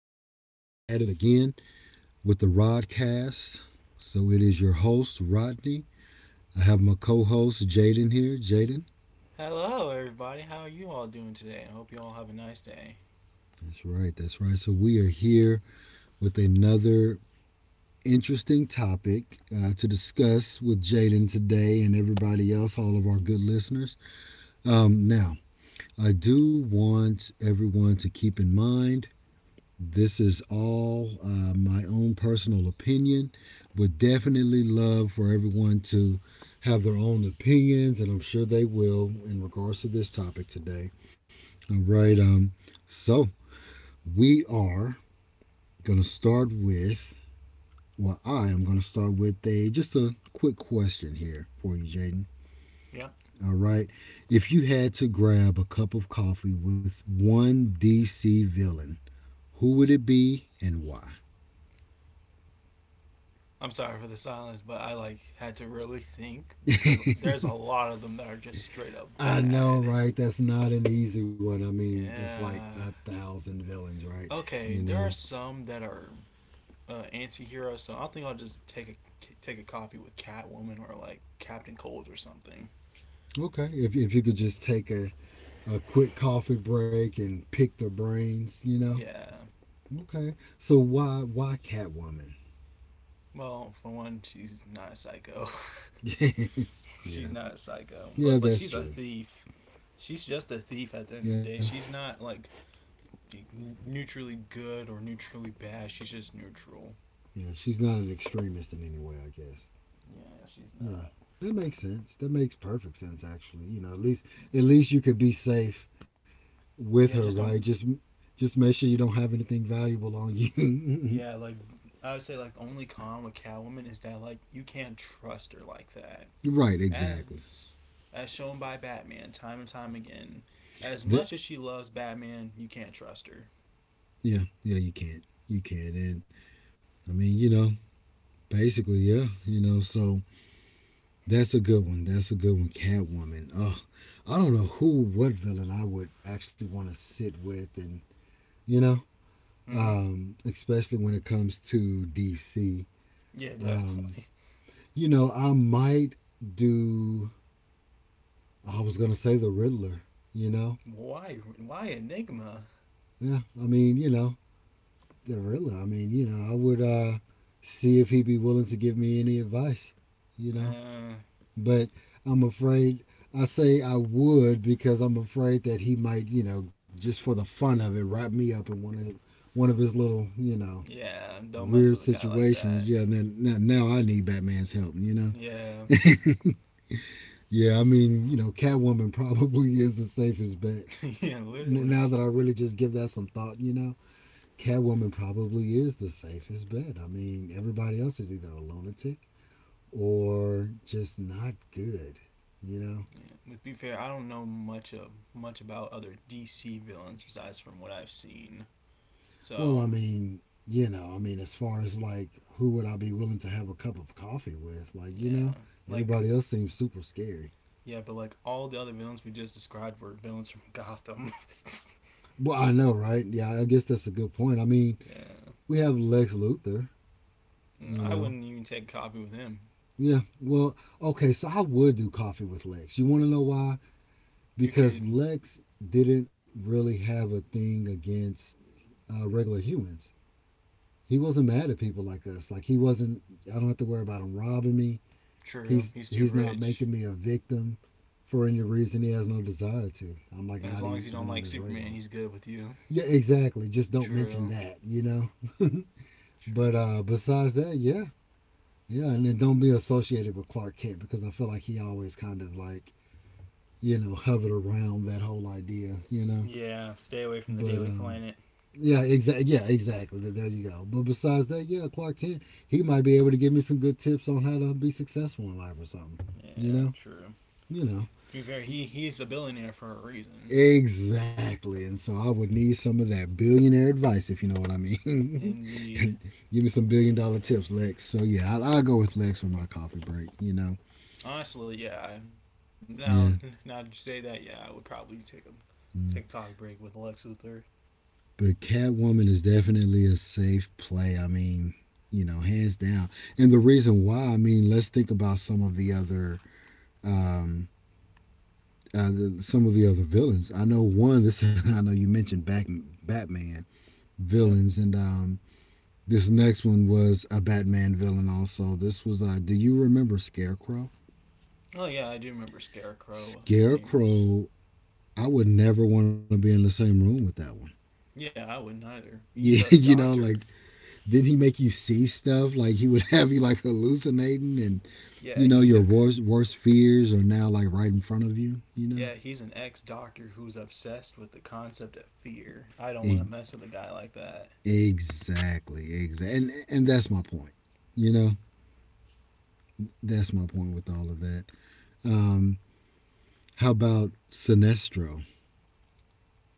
at it again with the Rodcast. So it is your host, Rodney. I have my co host, Jaden, here. Jaden, Hello, everybody. How are you all doing today? I hope you all have a nice day. that's right, that's right. So we are here with another interesting topic to discuss with Jaden today and everybody else, all of our good listeners. Now, I do want everyone to keep in mind this is all my own personal opinion. Would definitely love for everyone to have their own opinions, and I'm sure they will in regards to this topic today. All right. So we are gonna start with. Well, I am gonna start with a just a quick question here for you, Jaden. Yep. All right. If you had to grab a cup of coffee with one DC villain, who would it be and why? I'm sorry for the silence, but I like had to really think because there's a lot of them that are just straight up I know, bad. right? That's not an easy one. I mean, that's like Yeah. a thousand villains, right? Okay, You there are know? some that are anti-heroes, so I think I'll just take a copy with Catwoman or like Captain Cold or something. Okay. If you could just a quick coffee break and pick the brains, you know? Yeah. Okay. So why Catwoman? Well, for one, she's not a psycho. yeah. She's not a psycho. Plus, Yeah, like, that's she's a true. thief. She's just a thief at the end Yeah. of the day. She's not like neutrally good or neutrally bad. She's just neutral. Yeah. She's not an extremist in any way, I guess. Yeah, she's Yeah. not. That makes sense. That makes perfect sense actually. You know, at least you could be safe with her, Yeah, just right? Don't. Just make sure you don't have anything valuable on you. Yeah, like I would say, like the only con with Catwoman is that like you can't trust her like that, Right, as exactly. as shown by Batman time and time again. As That much as she loves Batman, you can't trust her. Yeah, you can't. You can't. And I mean, you know, basically, yeah, you know, so that's a good one. That's a good one. Catwoman. Oh, I don't know who what villain I would actually want to sit with and you know, Mm-hmm. Especially when it comes to DC. Yeah, Um, definitely. you know, I might do I was gonna say the Riddler, you know? Why? Why Enigma? Yeah, I mean, you know, the Riddler. I mean, you know, I would see if he'd be willing to give me any advice, you know. Uh, But I'm afraid I say I would because I'm afraid that he might, you know, just for the fun of it, wrap me up in one of his little, you know, yeah, don't mess weird with a guy like that. situations. Yeah, and then now I need Batman's help, you know. Yeah, Yeah, I mean, you know, Catwoman probably is the safest bet. yeah, Now literally. that I really just give that some thought, you know, Catwoman probably is the safest bet. I mean, everybody else is either a lunatic or just not good, you know? Yeah, to be fair, I don't know much about other DC villains besides from what I've seen. So Well, I um, mean, you know, I mean, as far as like who would I be willing to have a cup of coffee with? Like, you yeah, know, like everybody else seems super scary. yeah, but like all the other villains we just described were villains from Gotham. Well, I know, right? Yeah, I guess that's a good point. I mean, Yeah, we have Lex Luthor, you I know. wouldn't even take a copy with him. Yeah, well, okay, so I would do coffee with Lex. You want to know why? You Because could Lex didn't really have a thing against regular humans. He wasn't mad at people like us. Like he wasn't. I don't have to worry about him robbing me. True, He's he's too he's not rich. making me a victim for any reason he has no desire to. I'm like As not long as even you on don't his like radar. Superman, he's good with you. Yeah, exactly. Just don't mention True, that, you know. but true. Besides that, yeah, yeah, and then don't be associated with Clark Kent because I feel like he always kind of like you know hovered around that whole idea, you know. Yeah, stay away from But the Daily Planet. Yeah, exactly. Yeah, exactly. There you go. But besides that, yeah, Clark Kent, he might be able to give me some good tips on how to be successful in life or something. You Yeah, know, true. you know. To be fair, he's a billionaire for a reason. Exactly. And so I would need some of that billionaire advice, if you know what I mean. Indeed. give me some billion dollar tips, Lex. So yeah, I'll go with Lex for my coffee break. You know. Honestly, yeah. Now, that you Yeah. say that, yeah, I would probably take a coffee Mm. break with Lex Luthor. But Catwoman is definitely a safe play. I mean, you know, hands down. And the reason why, I mean, let's think about some of the other um, some of the other villains. I know one. This I know you mentioned back, Batman Yeah. villains, and this next one was a Batman villain. Also, this was. Do you remember Scarecrow? Oh yeah, I do remember Scarecrow. His name's Scarecrow. I would never want to be in the same room with that one. Yeah, I wouldn't either. He's Yeah, a you know, like doctor. didn't he make you see stuff? Like he would have you like hallucinating, and Yeah, you know he's your a worst fears are now like right in front of you. You know, yeah, he's an ex doctor who's obsessed with the concept of fear. I don't want to e- mess with a guy like that. exactly, exactly, and that's my point. You know, that's my point with all of that. Um, how about Sinestro?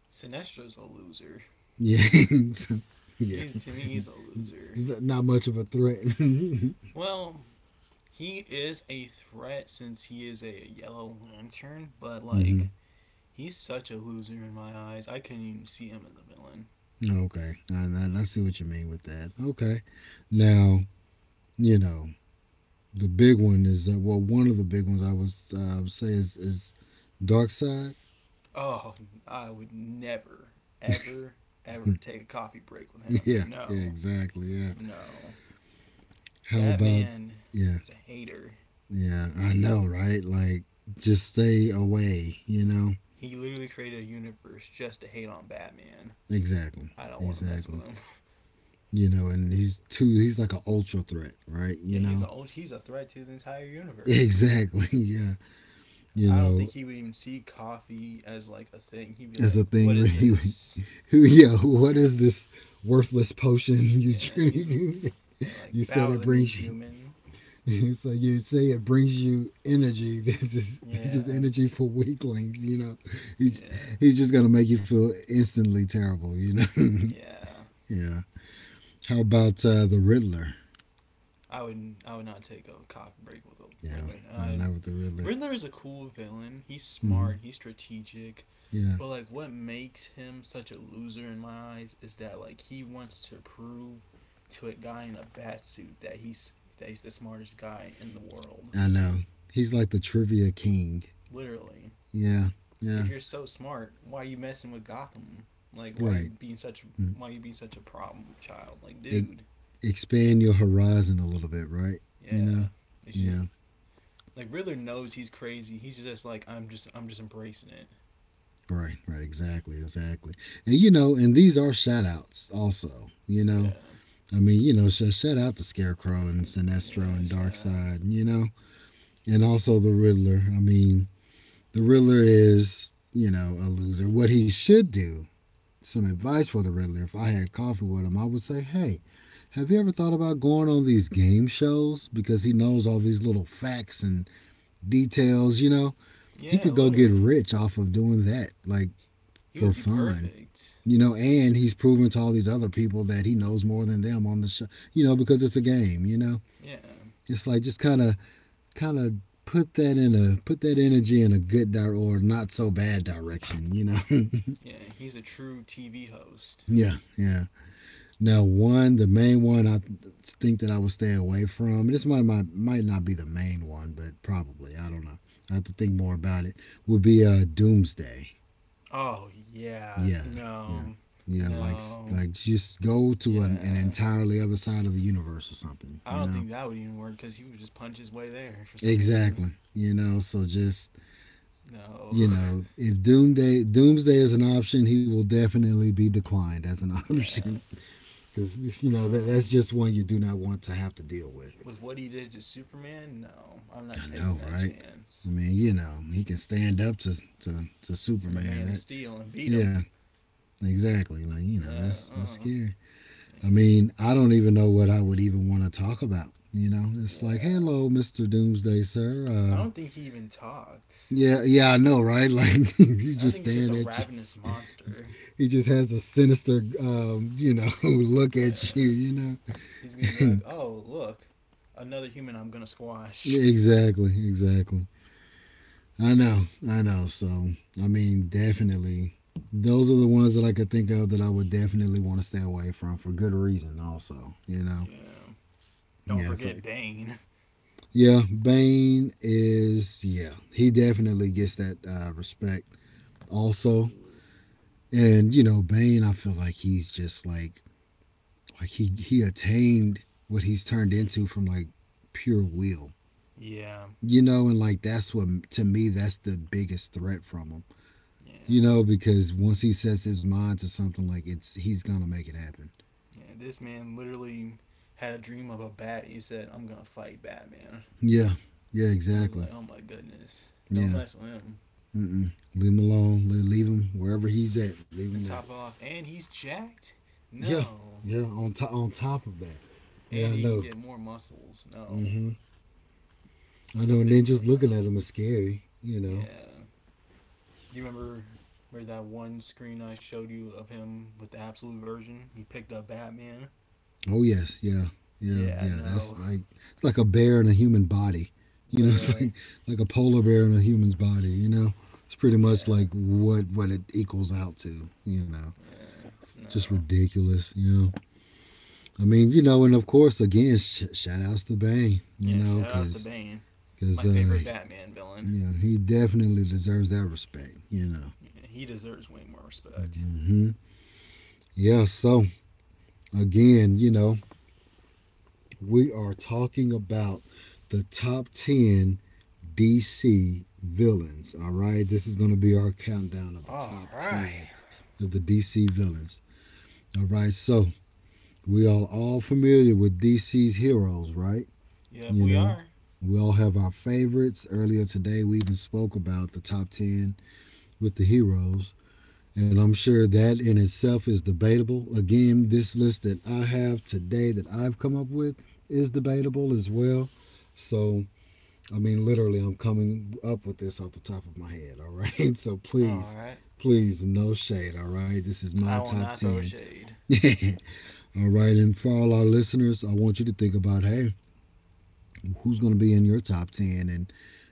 Sinestro's a loser. Yeah, yeah. He's, to me, he's a loser. It's not- much of a threat. Well, he is a threat since he is a Yellow Lantern, but hmm like he's such a loser in my eyes. I couldn't even see him as a villain. Okay, see what you mean with that. Okay, now you know the big one is well, one of the big ones I was say is Dark Side. Oh, I would never, ever, ever yeah, take a coffee break with him. yeah, No, exactly. Yeah. no. How That about man yeah, is a hater. yeah. I know, right? Like, just stay away. You know, He literally created a universe just to hate on Batman. exactly, I don't want to mess exactly. with him. You know, and he's like an ultra threat, right? Yeah, You he's a know, old, he's a threat to the entire universe. exactly, yeah, you I don't think know, he would even see coffee as like a thing. He'd be it's like, a "What thing where is he, this?" who, yeah, what is this worthless potion you Yeah, he's drink? yeah, like you said bow it to me, brings you. human. So you say it brings you energy. This Yeah, is energy for weaklings. You know, he, yeah, he's just gonna make you feel instantly terrible. You know, yeah. yeah. How about the Riddler? I would not take a coffee break with a Yeah, Riddler. no, I not with the Riddler. Riddler is a cool villain. He's Mm-hmm. smart. He's strategic. Yeah, But like, what makes him such a loser in my eyes is that like he wants to prove to a guy in a bat suit that he's the smartest guy in the world. I know. He's like the trivia king. Literally, Yeah, yeah, if you're so smart, why are you messing with Gotham? Like, right. Mm. why are you being such a problem child? Like, E- dude, expand your horizon a little bit, right? You yeah, know? it's just, Yeah, like Riddler knows he's crazy. He's just like I'm just embracing it. right, right, exactly, exactly. And, you know, and these are shout outs also, you know? Yeah, I mean, you know, shout out to Scarecrow and Sinestro yeah, and shout out. Darkseid, you know? And also the Riddler. I mean, the Riddler is, you know, a loser. What he should do some advice for the Riddler, if I had coffee with him, I would say, hey, have you ever thought about going on these game shows? Because he knows all these little facts and details, you know? He Yeah, could go get literally. rich off of doing that, like He for would be fun, perfect. you know? And he's proven to all these other people that he knows more than them on the show, you know, because it's a game, you know? Yeah, It's like just kind of put that in a put that energy in a good or not so bad direction you know yeah, he's a true TV host. yeah yeah Now, the main one think that I would stay away from. This might, might not be the main one, but probably I don't know. I have to think more about it. Would be Doomsday. Oh, yeah, Yeah, yeah, no, yeah. No, Like just go to an yeah. entirely other side of the universe or something. I You don't know think that would even work because he would just punch his way there for some reason. exactly. You know so just you No, know if Doomsday is an option, he will definitely be declined as an option yeah, because you know that that's no. just one you do not want to have to deal with. With what he did to Superman, no, I'm not I know, taking that right? I chance. mean, you know, he can stand up to To the Superman. Man of Steel and beat him. yeah, exactly. Like you know, Yeah, that's scary. I yeah, mean, I don't even know what I would even want to talk about. You know, it's like, yeah. hello, Mister Doomsday, sir. I don't think he even talks. Yeah, yeah, I know, right? Like he's I just think it's just staring a at you. ravenous monster. He just has a sinister, you know, look at you. Yeah. You know. He's gonna be like, oh, look, another human I'm gonna squash. exactly, exactly. I know, I know. So, I mean, definitely, those are the ones that I could think of that I would definitely want to stay away from for good reason. Also, you know, Yeah. Don't yeah, if forget I, Bane. yeah, Bane is, yeah, he definitely gets that respect. Also, and you know, Bane, I feel like he's just like he attained what he's turned into from like pure will, Yeah. you know, and like that's what to me that's the biggest threat from him. You Yeah. know, because once he sets his mind to something, like it's he's gonna make it happen. Yeah. This man literally had a dream of a bat and he said, I'm gonna fight Batman. Yeah, yeah, I was like, exactly. oh my goodness. Don't Yeah, mess with him. Mm-mm. Leave him alone. Leave him wherever he's at. Leave him And there. top off, and he's jacked? Yeah, No. yeah. On top of that. Yeah, And I he can know. get more muscles? Mm No. hmm I That's a know. And then big no just no. looking at him is scary. You know. Yeah. Do you remember where that one screen I showed you of him with the absolute version? He picked up Batman. Oh yes, yeah, yeah, Yeah, yeah. no, That's like it's like a bear in a human body. You know, it's literally. Like a polar bear in a human's body. You know, it's pretty much Yeah, like what it equals out to. You know. yeah, Just no. ridiculous, you know. I mean, you know, and of course, again, shout outs to Bane, you Yeah, know, shoutouts to because Bane, my because uh, favorite Batman villain. you know he definitely deserves that respect, you know. Yeah, he deserves way more respect. Mm-hmm. Yeah. So again, you know, we are talking about the top ten DC villains. All right, this is going to be our countdown of the All top right. ten of the DC villains. All right, So we are all familiar with DC's heroes, right? Yeah, You we know, are. we all have our favorites. Earlier today, we even spoke about the top 10 with the heroes. And I'm sure that in itself is debatable. Again, this list that I have today that I've come up with is debatable as well. So, I mean, literally, I'm coming up with this off the top of my head. All right. So All please, right. please, no shade. All right. This is my I will top not throw 10. shade. All right. And for all our listeners, I want you to think about, hey, who's going to be in your top 10? And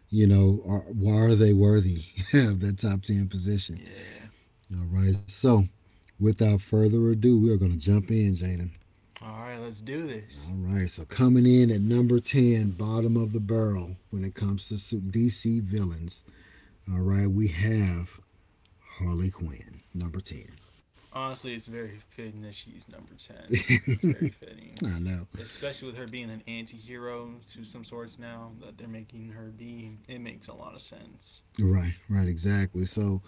why are they worthy of that top 10 position? Yeah. All right. So, without further ado, we are going to jump in, Jaden. All right, let's do this. All right. So coming in at number 10, bottom of the barrel when it comes to DC villains. All right. We have Harley Quinn, number 10. Honestly, it's very fitting that she's number 10. It's very fitting. I know. Especially with her being an anti-hero to some sorts, now that they're making her be, it makes a lot of sense. Right, right, exactly. So,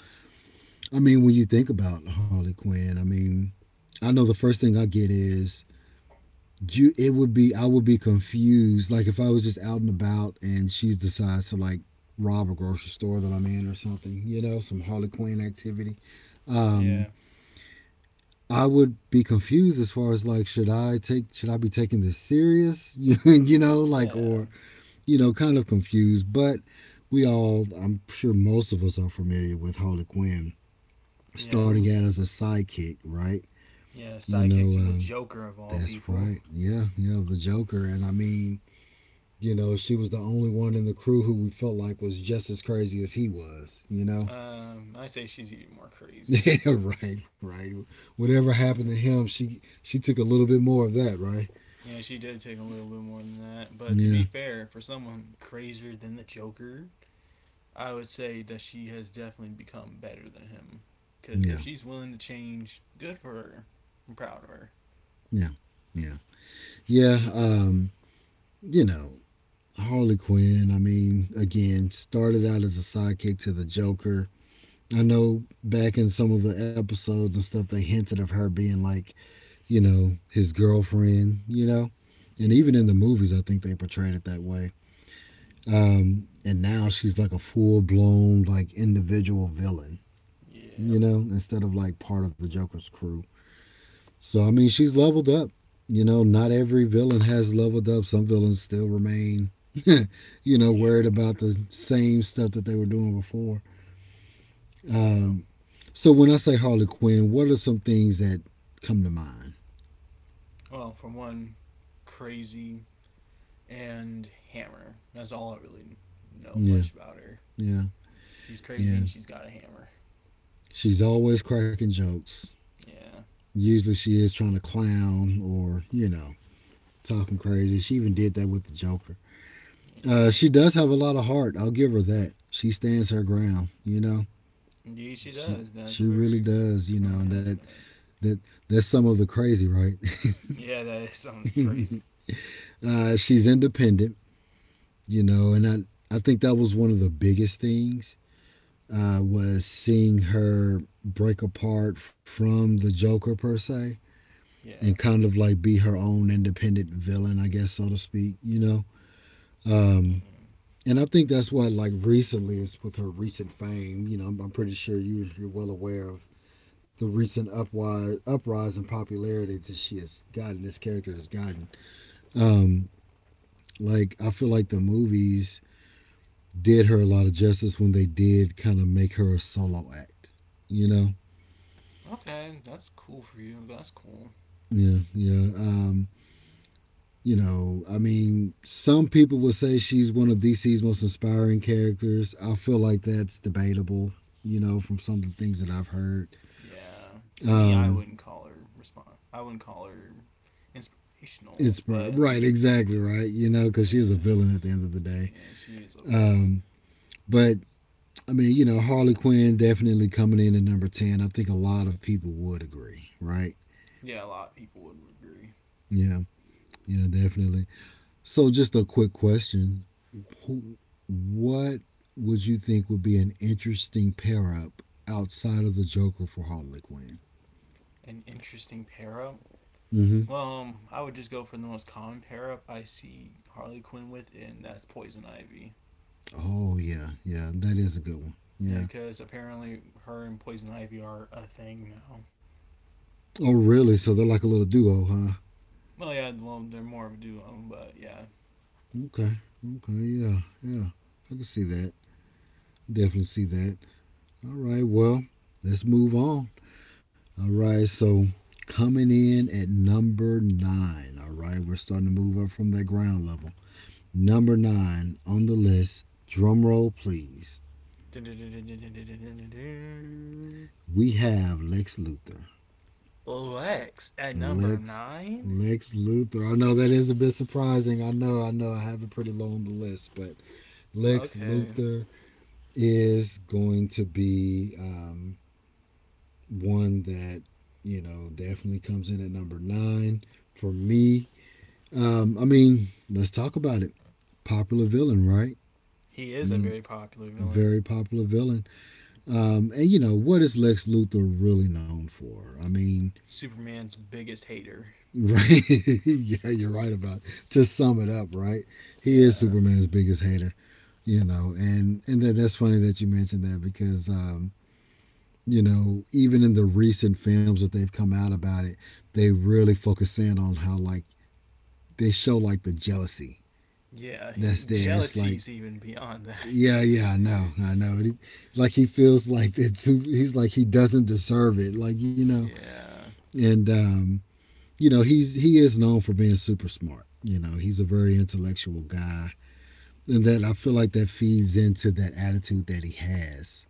I mean, when you think about Harley Quinn, I mean, I know the first thing I get is you it would be I would be confused. Like if I was just out and about and she decides to like rob a grocery store that I'm in or something, you know, some Harley Quinn activity. Um, Yeah. I would be confused as far as like should I be taking this serious? You know, like, Yeah. or you know, kind of confused. But we all I'm sure most of us are familiar with Harley Quinn Yeah, starting who's out as a sidekick, right? yeah, You sidekick to know, the um, Joker of all that's people. right. Yeah, yeah, the Joker. And I mean, you know, she was the only one in the crew who we felt like was just as crazy as he was. You know, I say she's even more yeah, crazier. right, right. Whatever happened Yeah. to him, she took a little bit more of that, right? Yeah, she did take a little bit more than that, but to be Yeah, fair, for someone crazier than the Joker, I would say that she has definitely become better than him, because if yeah, she's willing to change, good for her. I'm proud of her. yeah, yeah, yeah. You know, Harley Quinn. I mean, again, started out as a sidekick to the Joker. I know back in some of the episodes and stuff, they hinted of her being like, you know, his girlfriend, you know. And even Yeah. in the movies, I think they portrayed it that way. And now she's like a full blown like individual villain, Yeah. you know, instead of like part of the Joker's crew. So I mean, she's leveled up. You know, not every villain has leveled up. Some villains still remain, you know, worried Yeah. about the same stuff that they were doing before. Yeah. Um, so when I say Harley Quinn, what are some things that come to mind? Well, for one, crazy and hammer. That's all I really know Yeah, much about her. yeah, She's crazy yeah. and she's got a hammer. She's always cracking jokes. Yeah. Usually she is trying to clown or, you know, talking crazy. She even did that with the Joker. Yeah. She does have a lot of heart. I'll give her that. She stands her ground. You know, Indeed, she she does. That's she a really very does. You know strong that aspect. that that's some of the crazy, right? Yeah, that is something crazy. She's independent. You know, and I think that was one of the biggest things was seeing her break apart from the Joker per se and Yeah. kind of like be her own independent villain, I guess so to speak. You know. Yeah. Um, And I think that's why, like recently, is with her recent fame. You know, I'm pretty sure you you're well aware of the uprise in popularity that she has gotten. This character has gotten. Um, like I feel like the movies did her a lot of justice when they did kind of make her a solo act. You know, Okay, that's cool for you. That's cool. yeah, yeah. You know, I mean, some people would say she's one of DC's most inspiring characters. I feel like that's debatable. You know, from some of the things that I've heard. Yeah. To me, I Um, wouldn't call her respond. I wouldn't call her inspirational, it's right, but eh. right, exactly right. You know, because she is a Yeah, villain at the end of the day. yeah, she is a villain. Um, but I mean, you know, Harley Quinn definitely coming in at number ten. I think a lot of people would agree, right? Yeah, a lot of people would agree. Yeah, yeah, definitely. So, just a quick question: who, what would you think would be an interesting pair up outside of the Joker for Harley Quinn? An interesting pair up? Mm-hmm. Well, I would just go for the most common pair up I see Harley Quinn with, and that's Poison Ivy. Oh yeah, yeah, that is a good one. Yeah, Yeah. because apparently her and Poison Ivy are a thing now. Oh really? So they're like a little duo, huh? Well, yeah, well, they're more of a duo, but yeah. Okay. Okay. Yeah. Yeah. I can see that. Definitely see that. All right. Well, let's move on. All right. So coming in at number nine. All right. We're starting to move up from that ground level. Number nine on the list. Drum roll, please. We have Lex Luthor. Lex at number Lex nine? Lex Luthor. I know that is a bit surprising. I know, I know I have it pretty low on the list, but Lex Okay. Luthor is going to be one that you know definitely comes in at number nine for me. I mean, let's talk about it. Popular villain, right? He I is a mean, very popular villain. very popular villain. And you know what is Lex Luthor really known for? I mean, Superman's biggest hater. right? Yeah, you're right about it. To sum it up, right? He is Yeah. Superman's biggest hater. You know, and that, that's funny that you mentioned that because you know, even in the recent films that they've come out about it, they really focus in on how like they show like the jealousy Yeah, he, that's there. It's like, jealousy's even beyond that. yeah, yeah, I know, I know. Like he feels like it's he's like he doesn't deserve it, like you know, Yeah. and you know he is known for being super smart. You know, he's a very intellectual guy, and that I feel like that feeds into that attitude that he has.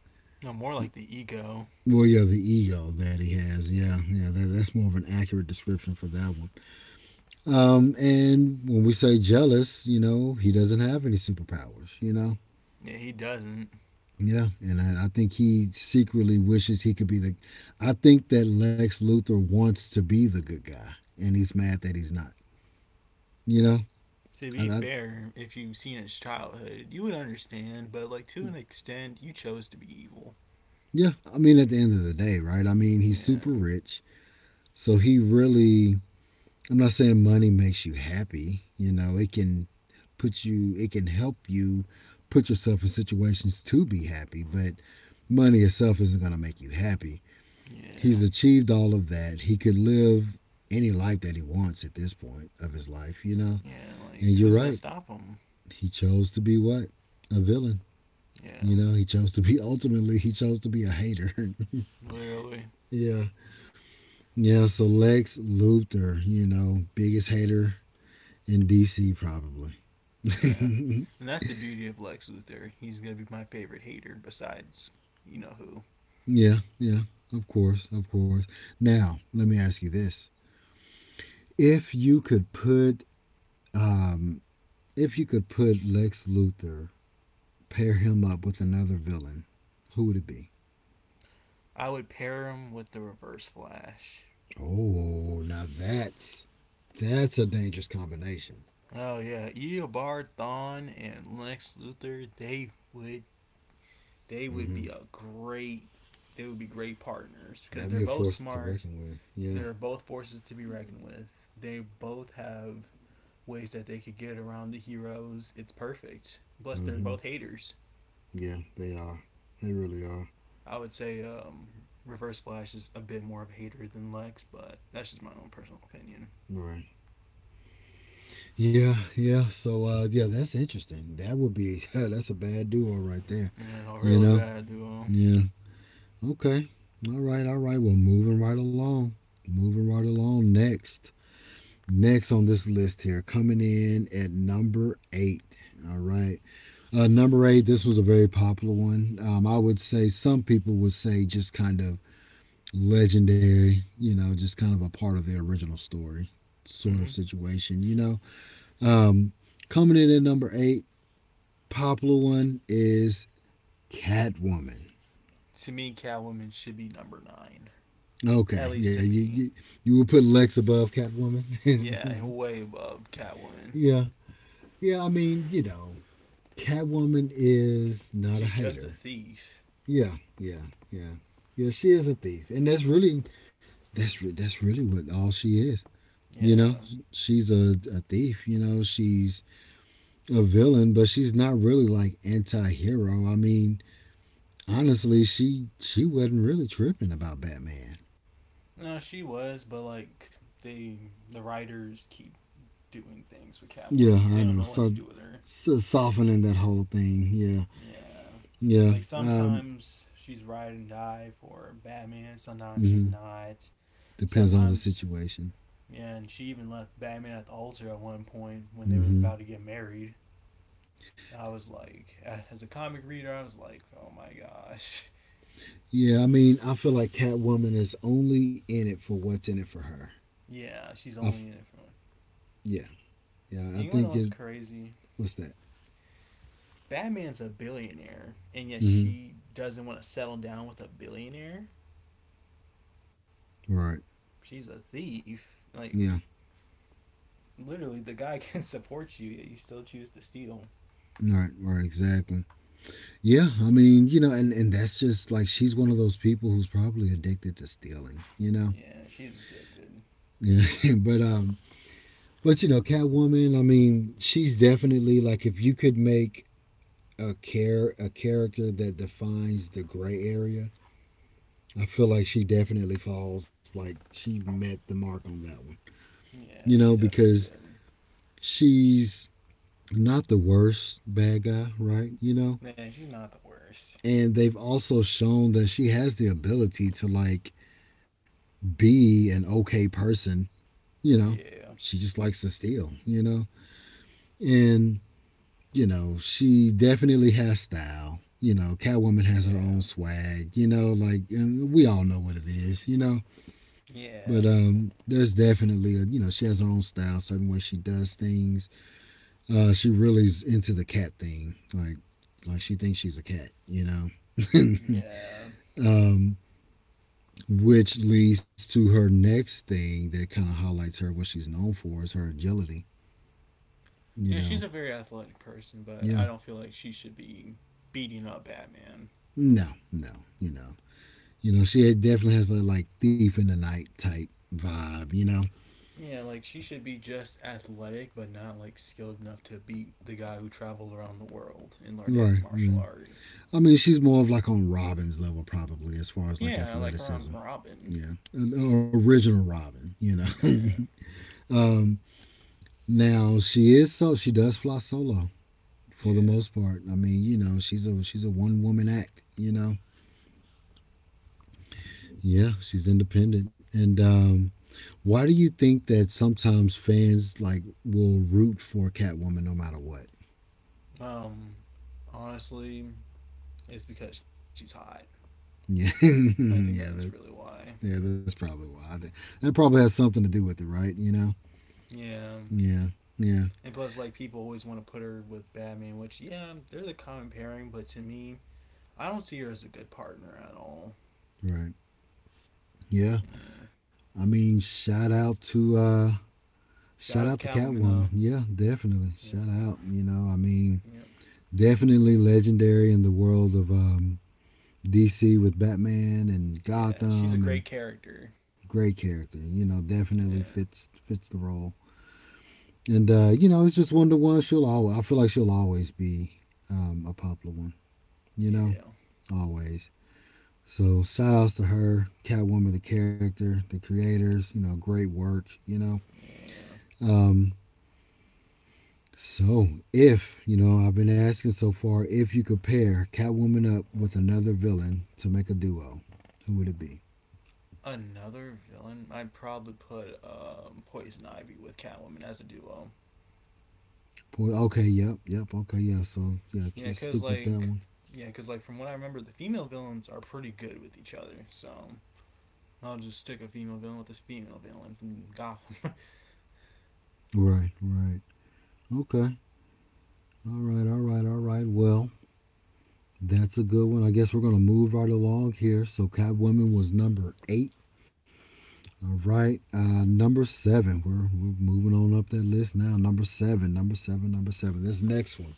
No, more like the ego. Well, yeah, the ego that he has. Yeah, yeah, that, that's more of an accurate description for that one. And when we say jealous, you know, he doesn't have any superpowers, you know? Yeah, he doesn't. Yeah. And I think he secretly wishes he could be the. I think that Lex Luthor wants to be the good guy, and he's mad that he's not, you know? To I, be I, fair, if you've seen his childhood, you would understand, but like, to an extent, you chose to be evil. yeah. I mean, at the end of the day, right? I mean, he's super Yeah, rich. So he really. I'm not saying money makes you happy. You know, it can it can help you put yourself in situations to be happy, but money itself isn't going to make you happy. yeah, He's achieved all of that. He could live any life that he wants at this point of his life, you know. yeah. And Like, you're who's gonna right. stop him? He chose to be what? A villain. You Yeah, know, he chose to be ultimately he chose to be a hater. literally. yeah. Yeah, so Lex Luthor, you know, biggest hater in DC probably. Yeah. And that's the beauty of Lex Luthor. He's gonna be my favorite hater besides you know who. Yeah, yeah. Of course, of course. Now, let me ask you this. If you could put um if you could put Lex Luthor, pair him up with another villain, who would it be? I would pair him with the Reverse Flash. Oh, now that's a dangerous combination. Oh yeah, Eobard Thawne and Lex Luthor, they would Mm-hmm. be a great they would be great partners because That'd they're be a both force to smart. reckon with. Yeah. They're both forces to be reckoned with. They both have ways that they could get around the heroes. It's perfect. Plus, they're Mm-hmm. both haters. Yeah, they are. They really are. I would say Reverse Flash is a bit more of a hater than Lex, but that's just my own personal opinion. Right. Yeah, yeah. So, yeah, that's interesting. That would be yeah. That's a bad duo right there. It's all You really know. bad duo. Yeah. Okay. All right. All right. Well, moving right along. Moving right along. Next. Next on this list here, coming in at number eight. All right. Number eight, this was a very popular one. I would say some people would say just kind of legendary, you know, just kind of a part of their original story sort Mm-hmm. of situation, you know. Um, Coming in at number eight, popular one is Catwoman. To me, Catwoman should be number nine. At Okay, least yeah, to me. You would put Lex above Catwoman. Yeah, way above Catwoman. Yeah, yeah, I mean, you know, Catwoman is not a She's just a hater. thief. Yeah, yeah, yeah. Yeah, she is a thief. And that's really that's really what all she is. You know, Yeah. she's a thief. You know, she's a villain, but she's not really like anti-hero. I mean, honestly, she wasn't really tripping about Batman. No, she was, but like they, the writers keep doing things with Yeah, Catwoman. I They don't know. know what So, to do with her. so softening that whole thing. Yeah, Yeah, yeah. like sometimes she's ride and die for Batman. Sometimes she's Mhm. not. Depends on the Sometimes, situation. yeah, and she even left Batman at the altar at one point when they were Hmm. about to get married. I was like, as a comic reader, I was like, oh my gosh. Yeah, I mean, I feel like Catwoman is only in it for what's in it for her. Yeah, she's I f- only in it for one. yeah, yeah. I You know think what's it. crazy? What's that? Batman's a billionaire, and yet Hmm. she doesn't want to settle down with a billionaire. Right. She's a thief. Like Yeah. literally, the guy can support you, yet you still choose to steal. Right, right, exactly. Yeah, I mean, you know, and that's just like she's one of those people who's probably addicted to stealing, you know. Yeah, she's addicted. Yeah, but you know, Catwoman. I mean, she's definitely like if you could make a character that defines the gray area, I feel like she definitely falls like she met the mark on that one, you Yeah, know, she definitely because did. she's not the worst bad guy, right? You know, Man, she's not the worst. and they've also shown that she has the ability to like be an okay person, you know, Yeah, she just likes to steal, you know? And, you know, she definitely has style. You know, Catwoman has her yeah, own swag, you know, like we all know what it is, you know. yeah, But there's definitely a she has her own style, certain way she does things. She really is into the cat thing. Like she thinks she's a cat, you know. yeah. um which leads to her next thing that kind of highlights her what she's known for is her agility, Yeah, you she's a know. very athletic person, but I Yeah, don't feel like she should be beating up Batman. no, no, you know, she definitely has that like thief in the night type vibe, you know. Yeah, like she should be just athletic, but not like skilled enough to beat the guy who traveled around the world and learned every Right, martial yeah, art. I mean she's more of like on Robin's level probably as far as like Yeah, like around athleticism. Robin. Yeah, original Robin, you know. Yeah, um now she is, so she does fly solo for the yeah. most part. I mean, you know, she's a one woman act, you know. Yeah, she's independent. And why do you think that sometimes fans like will root for Catwoman no matter what? Um, Honestly, it's because she's hot. Yeah, I think that's really yeah, that, why. yeah. That's probably why. I think that probably has something to do with it, right? You know? Yeah, Yeah, yeah, and plus, like people always want to put her with Batman, which yeah, they're the common pairing, but to me, I don't see her as a good partner at all. right. Yeah. Yeah. I mean, Shout shout out out to to Catwoman Catwoman. though. Yeah, definitely. Shout Yeah. out. You know, I mean, Yeah. definitely legendary in the world of DC with Batman and Yeah. She's a Gotham and great character. great character. You know, definitely Yeah. fits the role. And you know, it's just one to one. She'll always. I feel like she'll always be a popular one. You know, Yeah. always. So shout outs to her, Catwoman, the character, the creators. You know, great work. You know. Yeah. Um, so if you know, I've been asking so far if you could pair Catwoman up with another villain to make a duo, who would it be? Another villain, I'd probably put Poison Ivy with Catwoman as a duo. Okay, yep, yep, okay, yeah. So yeah, Yeah, cause stick with that like, one. yeah, cause like from what I remember, the female villains are pretty good with each other. So I'll just stick a female villain with this female villain from Gotham. Right, right. Okay. All right, all right, all right. Well, that's a good one. I guess we're going to move right along here. So Catwoman was number eight. All right, number seven. We're moving on up that list now. Number seven, number seven, number seven. This next one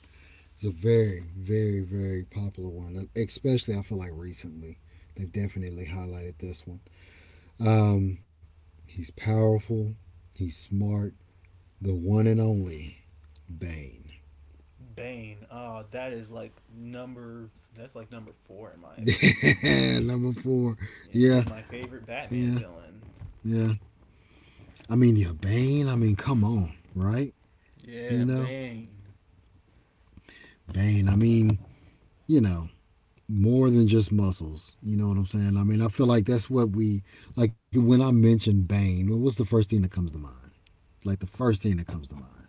is a very, very, very popular one, especially I feel like recently. They've definitely highlighted this one. Um, he's powerful, he's smart, the one and only Bane. Bane. Oh, that is like number. That's like number four in my opinion. Number four. Yeah, Yeah, he's my favorite Batman yeah, villain. yeah. I mean, yeah, Bane. I mean, come on, right? You Yeah, know, Bane. Bane. I mean, you know, more than just muscles. You know what I'm saying? I mean, I feel like that's what we like. When I mention Bane, well, what's the first thing that comes to mind? Like the first thing that comes to mind.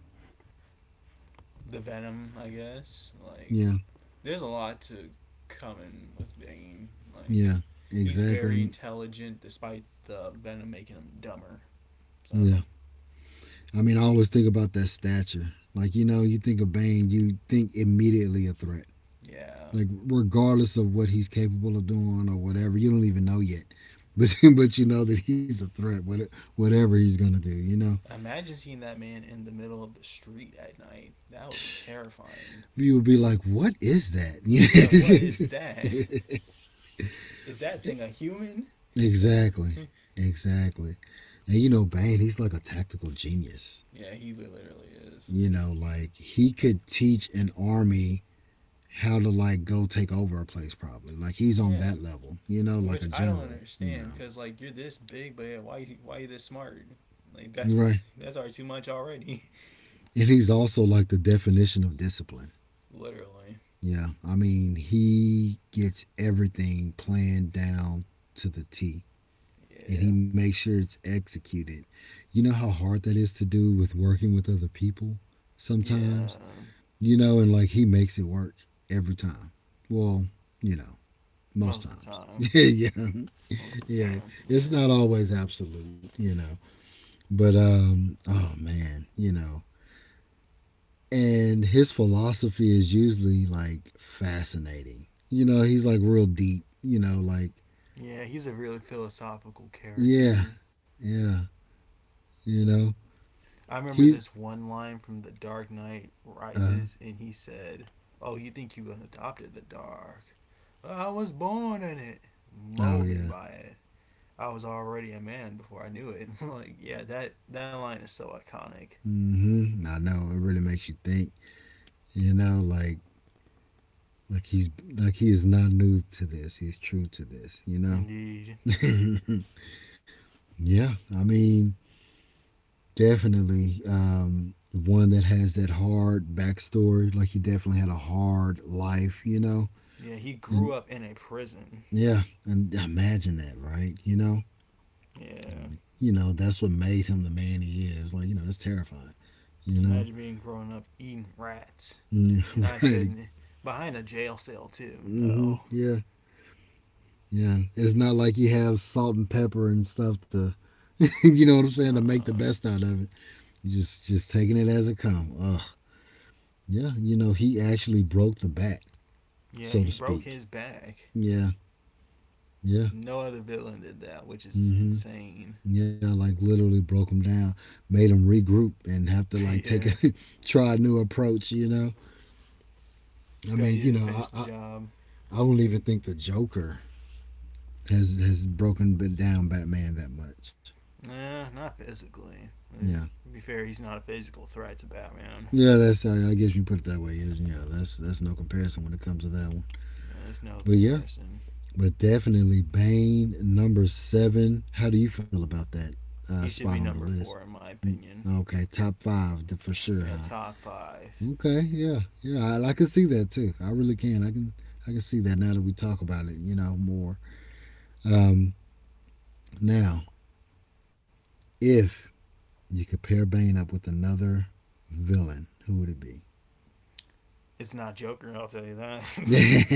The Venom, I guess. Like, Yeah, there's a lot to come in with Bane. Like, yeah, he's exactly. very intelligent, despite the Venom making him dumber. yeah. So, I mean, I always think about that stature. Like, you know, you think of Bane, you think immediately a threat. yeah. Like regardless of what he's capable of doing or whatever, you don't even know yet. But you know that he's a threat, whatever he's gonna do, you know. Imagine seeing that man in the middle of the street at night. That would be terrifying. You would be like, what is that? Yeah, what is that? Is that thing a human? Exactly, exactly. And you know, Bane, he's like a tactical genius. yeah, he literally is. You know, like he could teach an army how to like go take over a place probably. Like he's on Yeah, that level, you know, like a which I don't general, you understand know. because like you're this big, but yeah, why are you this smart? Like that's Right, that's already too much already. and he's also like the definition of discipline. Literally. Yeah, I mean, he gets everything planned down to the T and he Yeah. makes sure it's executed. You know how hard that is to do with working with other people sometimes? Yeah. You know, and like he makes it work every time. Well, you know, most Most of the times. time. Yeah, Most of the yeah. time. It's Yeah. not always absolute, you know. But oh man, you know, and his philosophy is usually like fascinating. You know, he's like real deep. You know, like Yeah, he's a really philosophical yeah, character. yeah. You know, I remember he this one line from The Dark Knight uh Rises, and he said, oh, you think you adopted the dark? I was born in it, oh molded yeah, by it. I was already a man before I knew it. like, yeah, that line is so iconic. mm-hmm. I know it really makes you think. You know, like he's like he is not new to this. He's true to this. You Indeed. know. Yeah, I mean, definitely one that has that hard backstory. Like he definitely had a hard life. You know, Yeah, he grew and up in a prison. yeah, and imagine that, right? Yeah. You know that's what made him the man he is. Like, you know, that's terrifying. You know, Imagine being growing up eating rats. And I right? couldn't. Behind a jail cell, too. Mm-hmm. No. Yeah, yeah. It's not like you have salt and pepper and stuff to, you know what I'm saying, to make the Uh, best out of it. You just taking it as it come. Ugh. Yeah, you know, he actually broke the bat, yeah, so he to broke speak. his back. Yeah, yeah. No other villain did that, which is Mm-hmm. insane. Yeah, like literally broke him down, made him regroup and have to like take yeah. a try a new approach. You know, Too I bad mean, he you didn't know, finish the job. I don't even think the Joker has broken down Batman that much. Nah, not physically. Yeah, To be fair, he's not a physical threat to Batman. yeah, that's guess you put it that way. Yeah, that's no comparison when it comes to that one. You know, there's no But yeah, comparison. but definitely Bane number seven. How do you feel about that He spot should on be the number list? four, in my Mm, opinion. okay, top five for sure, Yeah, huh? top five. Okay, yeah, yeah, I can see that too. I really can. I can see that now that we talk about it, you know, more. Um, now, if you could pair Bane up with another villain. Who would it be? It's not Joker, I'll tell you that.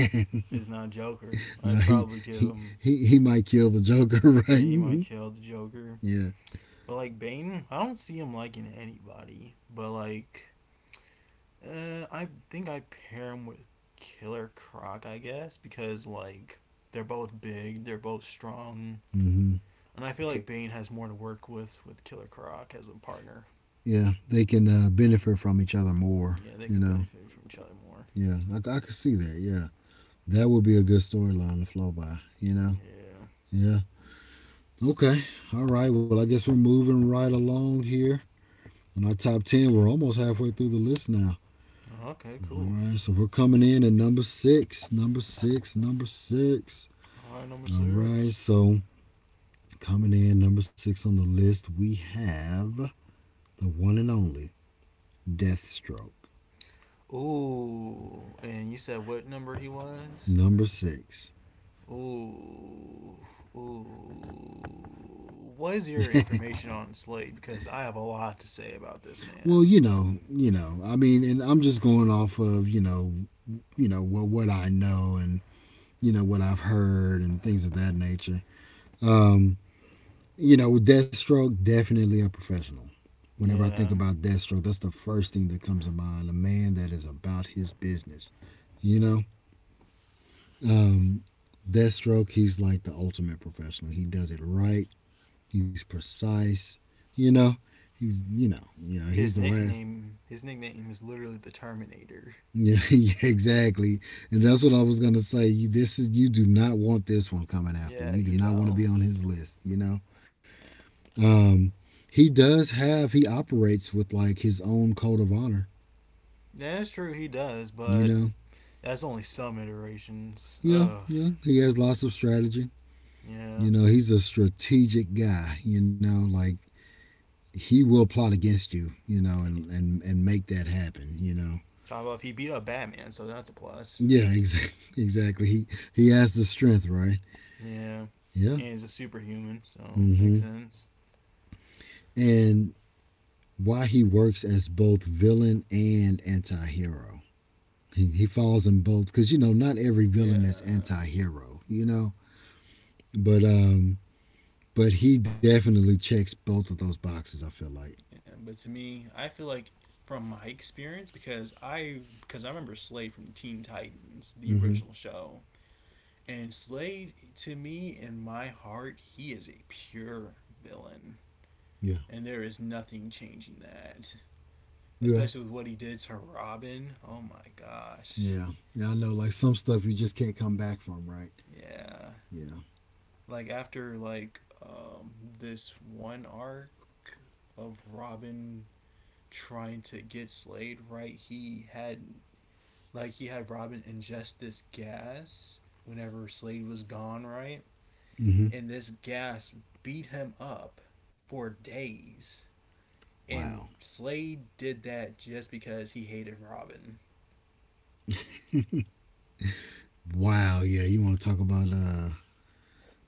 it's not Joker. Now I'd he, probably give he him. he he might kill the Joker, right? Yeah, he might Mhm. kill the Joker. Yeah. But like Bane, I don't see him liking anybody. But like, I think I'd pair him with Killer Croc, I guess, because like they're both big, they're both strong, Hmm, and I feel like Bane has more to work with Killer Croc as a partner. yeah, they can benefit from each other more. Yeah, they You could know. benefit from each other more. Yeah, I could see that. Yeah, that would be a good storyline to flow by. You know. Yeah. Yeah. Okay. All right. Well, I guess we're moving right along here. On our top 10, we're almost halfway through the list now. Okay, All cool. right, so we're coming in at number six, number six, number six. All right, number All right, six. so coming in number six on the list, we have the one and only Deathstroke. Ooh, and you said what number he was? Number six. Ooh, ooh. What is your information on Slade? Because I have a lot to say about this Well, man. You know, I mean, and I'm just going off of, you know what I know, and you know what I've heard and things of that nature. Um, you know, Deathstroke definitely a professional. Whenever I think Yeah, about Deathstroke, that's the first thing that comes to mind. A man that is about his business. You know, Um, Deathstroke, he's like the ultimate professional. He does it right. He's precise. You know, he's, you know, he's his the last. nickname, his nickname is literally the Terminator. Yeah, yeah, exactly. And that's what I was gonna say. You, this is, you do not want this one coming after. Yeah, You do you not want to know, be on his list. You know. Um, he does have. He operates with like his own code of honor. that's true. He does, You but know. that's only some iterations. Yeah, Ugh. yeah. He has lots of strategy. Yeah. You know, he's a strategic guy. You know, like he will plot against you, you know, and make that happen, you know. Talk about if he beat up Batman, so that's a plus. Yeah, exactly. Exactly. He has the strength, right? Yeah. Yeah. And he's a superhuman, so makes Mm-hmm. sense. And why he works as both villain and anti-hero. He falls in both because you know not every Yeah. villain is anti-hero, you know. But um, but he definitely checks both of those boxes. I feel like. Yeah, but to me, I feel like from my experience because I remember Slade from Teen Titans, the original Mm-hmm. show, and Slade to me in my heart, he is a pure villain, Yeah. and there is nothing changing that. Yeah. Especially with what he did to Robin. Oh my gosh. Yeah. Yeah. I know. Like some stuff you just can't come back from, right? Yeah. Yeah. Like after like this one arc of Robin trying to get Slade right, he had. Like he had Robin ingest this gas whenever Slade was gone, right? Mm-hmm. And this gas beat him up for days. Wow. And Slade did that just because he hated Robin. Wow, yeah, you want to talk about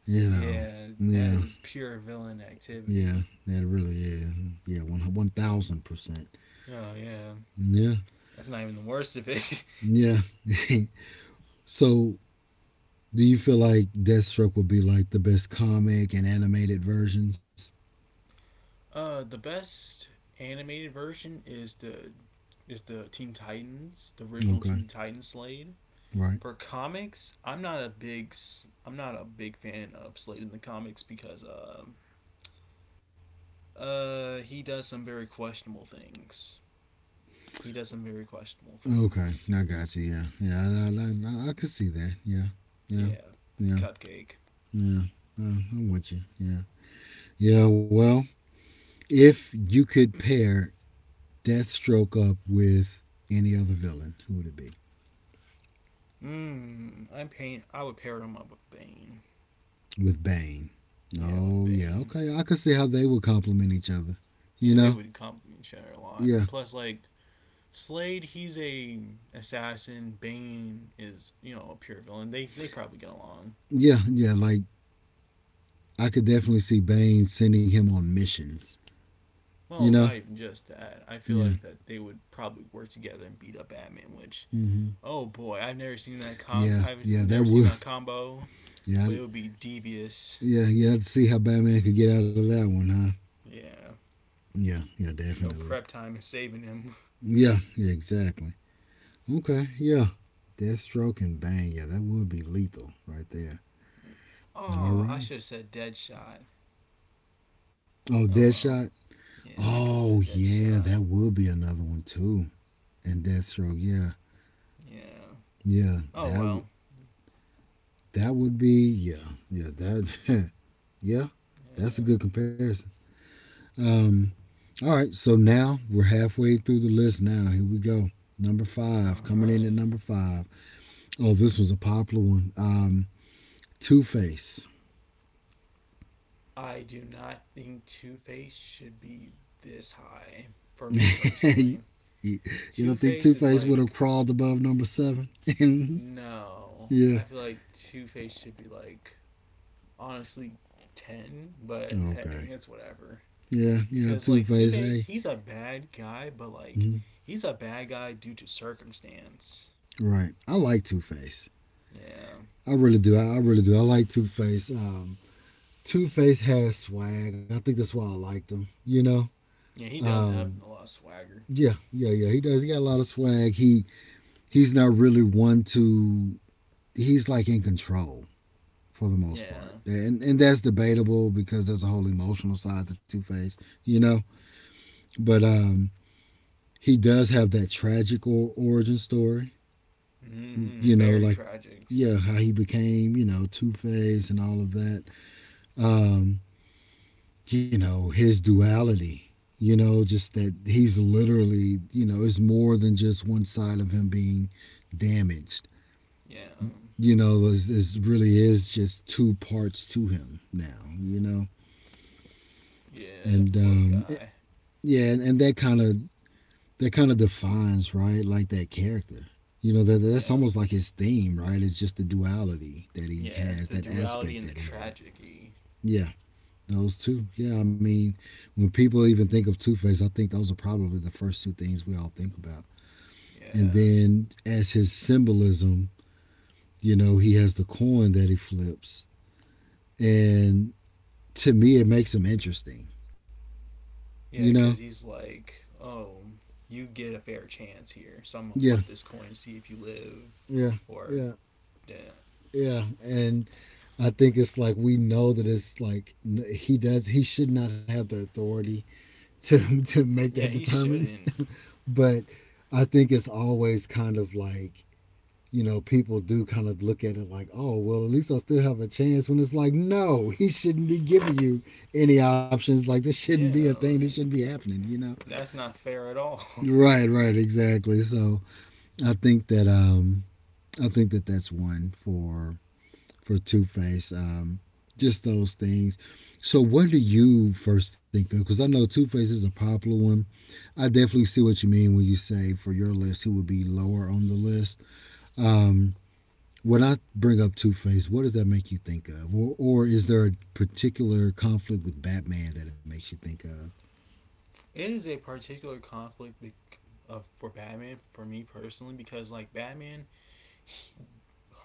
you know, Yeah, that yeah, is pure villain yeah, activity. that really is, yeah, one thousand percent, Oh yeah. yeah, That's not even the worst of it. yeah. So, do you feel like Deathstroke would be like the best comic and animated versions? The best animated version is the Teen Titans, the original Okay, Teen Titans Slade. right. For comics, I'm not a big I I'm not a big fan of Slade in the comics because he does some very questionable things. He does some very questionable Okay, things. I got you. Yeah, yeah, I could see that. Yeah, yeah, Yeah, yeah, Cupcake. yeah. I'm with you. Yeah, yeah. Well, if you could pair Deathstroke up with any other villain, who would it be? I'm pain. I would pair him up with Bane. With Bane. Yeah, with Oh yeah, Bane. okay. I could see how they would complement each other. You Yeah, they know? would complement each other a lot. Yeah. And plus, like Slade, he's a assassin. Bane is you know a pure villain. They probably get along. Yeah, yeah. Like I could definitely see Bane sending him on missions. You Well, know? not even just that. I feel Yeah. like that they would probably work together and beat up Batman, which Mm-hmm. oh boy, I've never seen Yeah. Yeah. That would. that combo, Yeah. but I- it would be devious. Yeah. You have to see how Batman could get out of that one, huh? Yeah. Yeah. Yeah. No Definitely. prep time is saving him. Yeah. Yeah. Exactly. Okay. Yeah. Deathstroke and Bane. Yeah, that would be lethal right there. All oh, I right. should have said Deadshot. Oh, Oh Deadshot. well. Yeah, I could have Oh said yeah, Deadshot. that would be another one too. And Deathstroke, yeah, Yeah. yeah, Oh well. that would be yeah, yeah, that yeah, that's a Yeah. good comparison. Um, all right, so now we're halfway through the list. Now here we go. Number All five coming in right. at number five. Oh, this was a popular one. Two Face. I do not think Two Face should be this high for me You, personally. you don't Two think Two Face is Face would have like crawled above number seven? No, Yeah. I feel like Two Face should be like honestly 10, but hey, Okay. it's whatever. Yeah. Yeah. Because Two like Two Face. Face, Hey. he's a bad guy, but like Mhm. he's a bad guy due to circumstance. Right. I like Two Face. Yeah, I really do. I really do. I like Two Face. Two Face has swag. I think that's why I liked him. You know. yeah, he does have Um, a lot of swagger. yeah, yeah, yeah. He does. He got a lot of swag. He's not really one to. He's like in control for the most part, Yeah, and that's debatable because there's a whole emotional side to Two Face. You know. But he does have that tragic or, origin story. You know, very like tragic. yeah, how he became you know Two Face and all of that um, you know, his duality. You know, just that he's literally, you know, it's more than just one side of him being damaged. Yeah, You know, this really is just two parts to him now. You know, and yeah, poor eh, guy. yeah, and that kind of defines, right, like that character. You know, that's Yeah, almost like his theme, right? It's just the duality that he yeah, it's has, the that duality aspect and the that he has. tragedy. Yeah. Those two, yeah. I mean, when people even think of Two Face, I think those are probably the first two things we all think about. And Yeah. then as his symbolism, you know, he has the coin that he flips, and to me, it makes him interesting. You Yeah, know, because he's like, oh, you get a fair chance here, so I'm gonna yeah, flip this coin and see if you live yeah, or yeah. dead. Yeah, and I think it's like we know that it's like he does. He should not have the authority to make that Yeah, he determine. shouldn't. But I think it's always kind of like, you know, people do kind of look at it like, oh, well, at least I still have a chance. When it's like, no, he shouldn't be giving you any options. Like, this shouldn't be Yeah, a thing. This shouldn't be like happening, you know? that's not fair at all. Right, right, exactly. So I think that, um, I think that that's one for Two Face. Just those things. So, what do you first think of? Because I know Two Face is a popular one. I definitely see what you mean when you say for your list who would be lower on the list. Um, When I bring up Two Face, what does that make you think of, or is there a particular conflict with Batman that it makes you think of? it is a particular conflict of for Batman for me personally because like Batman he-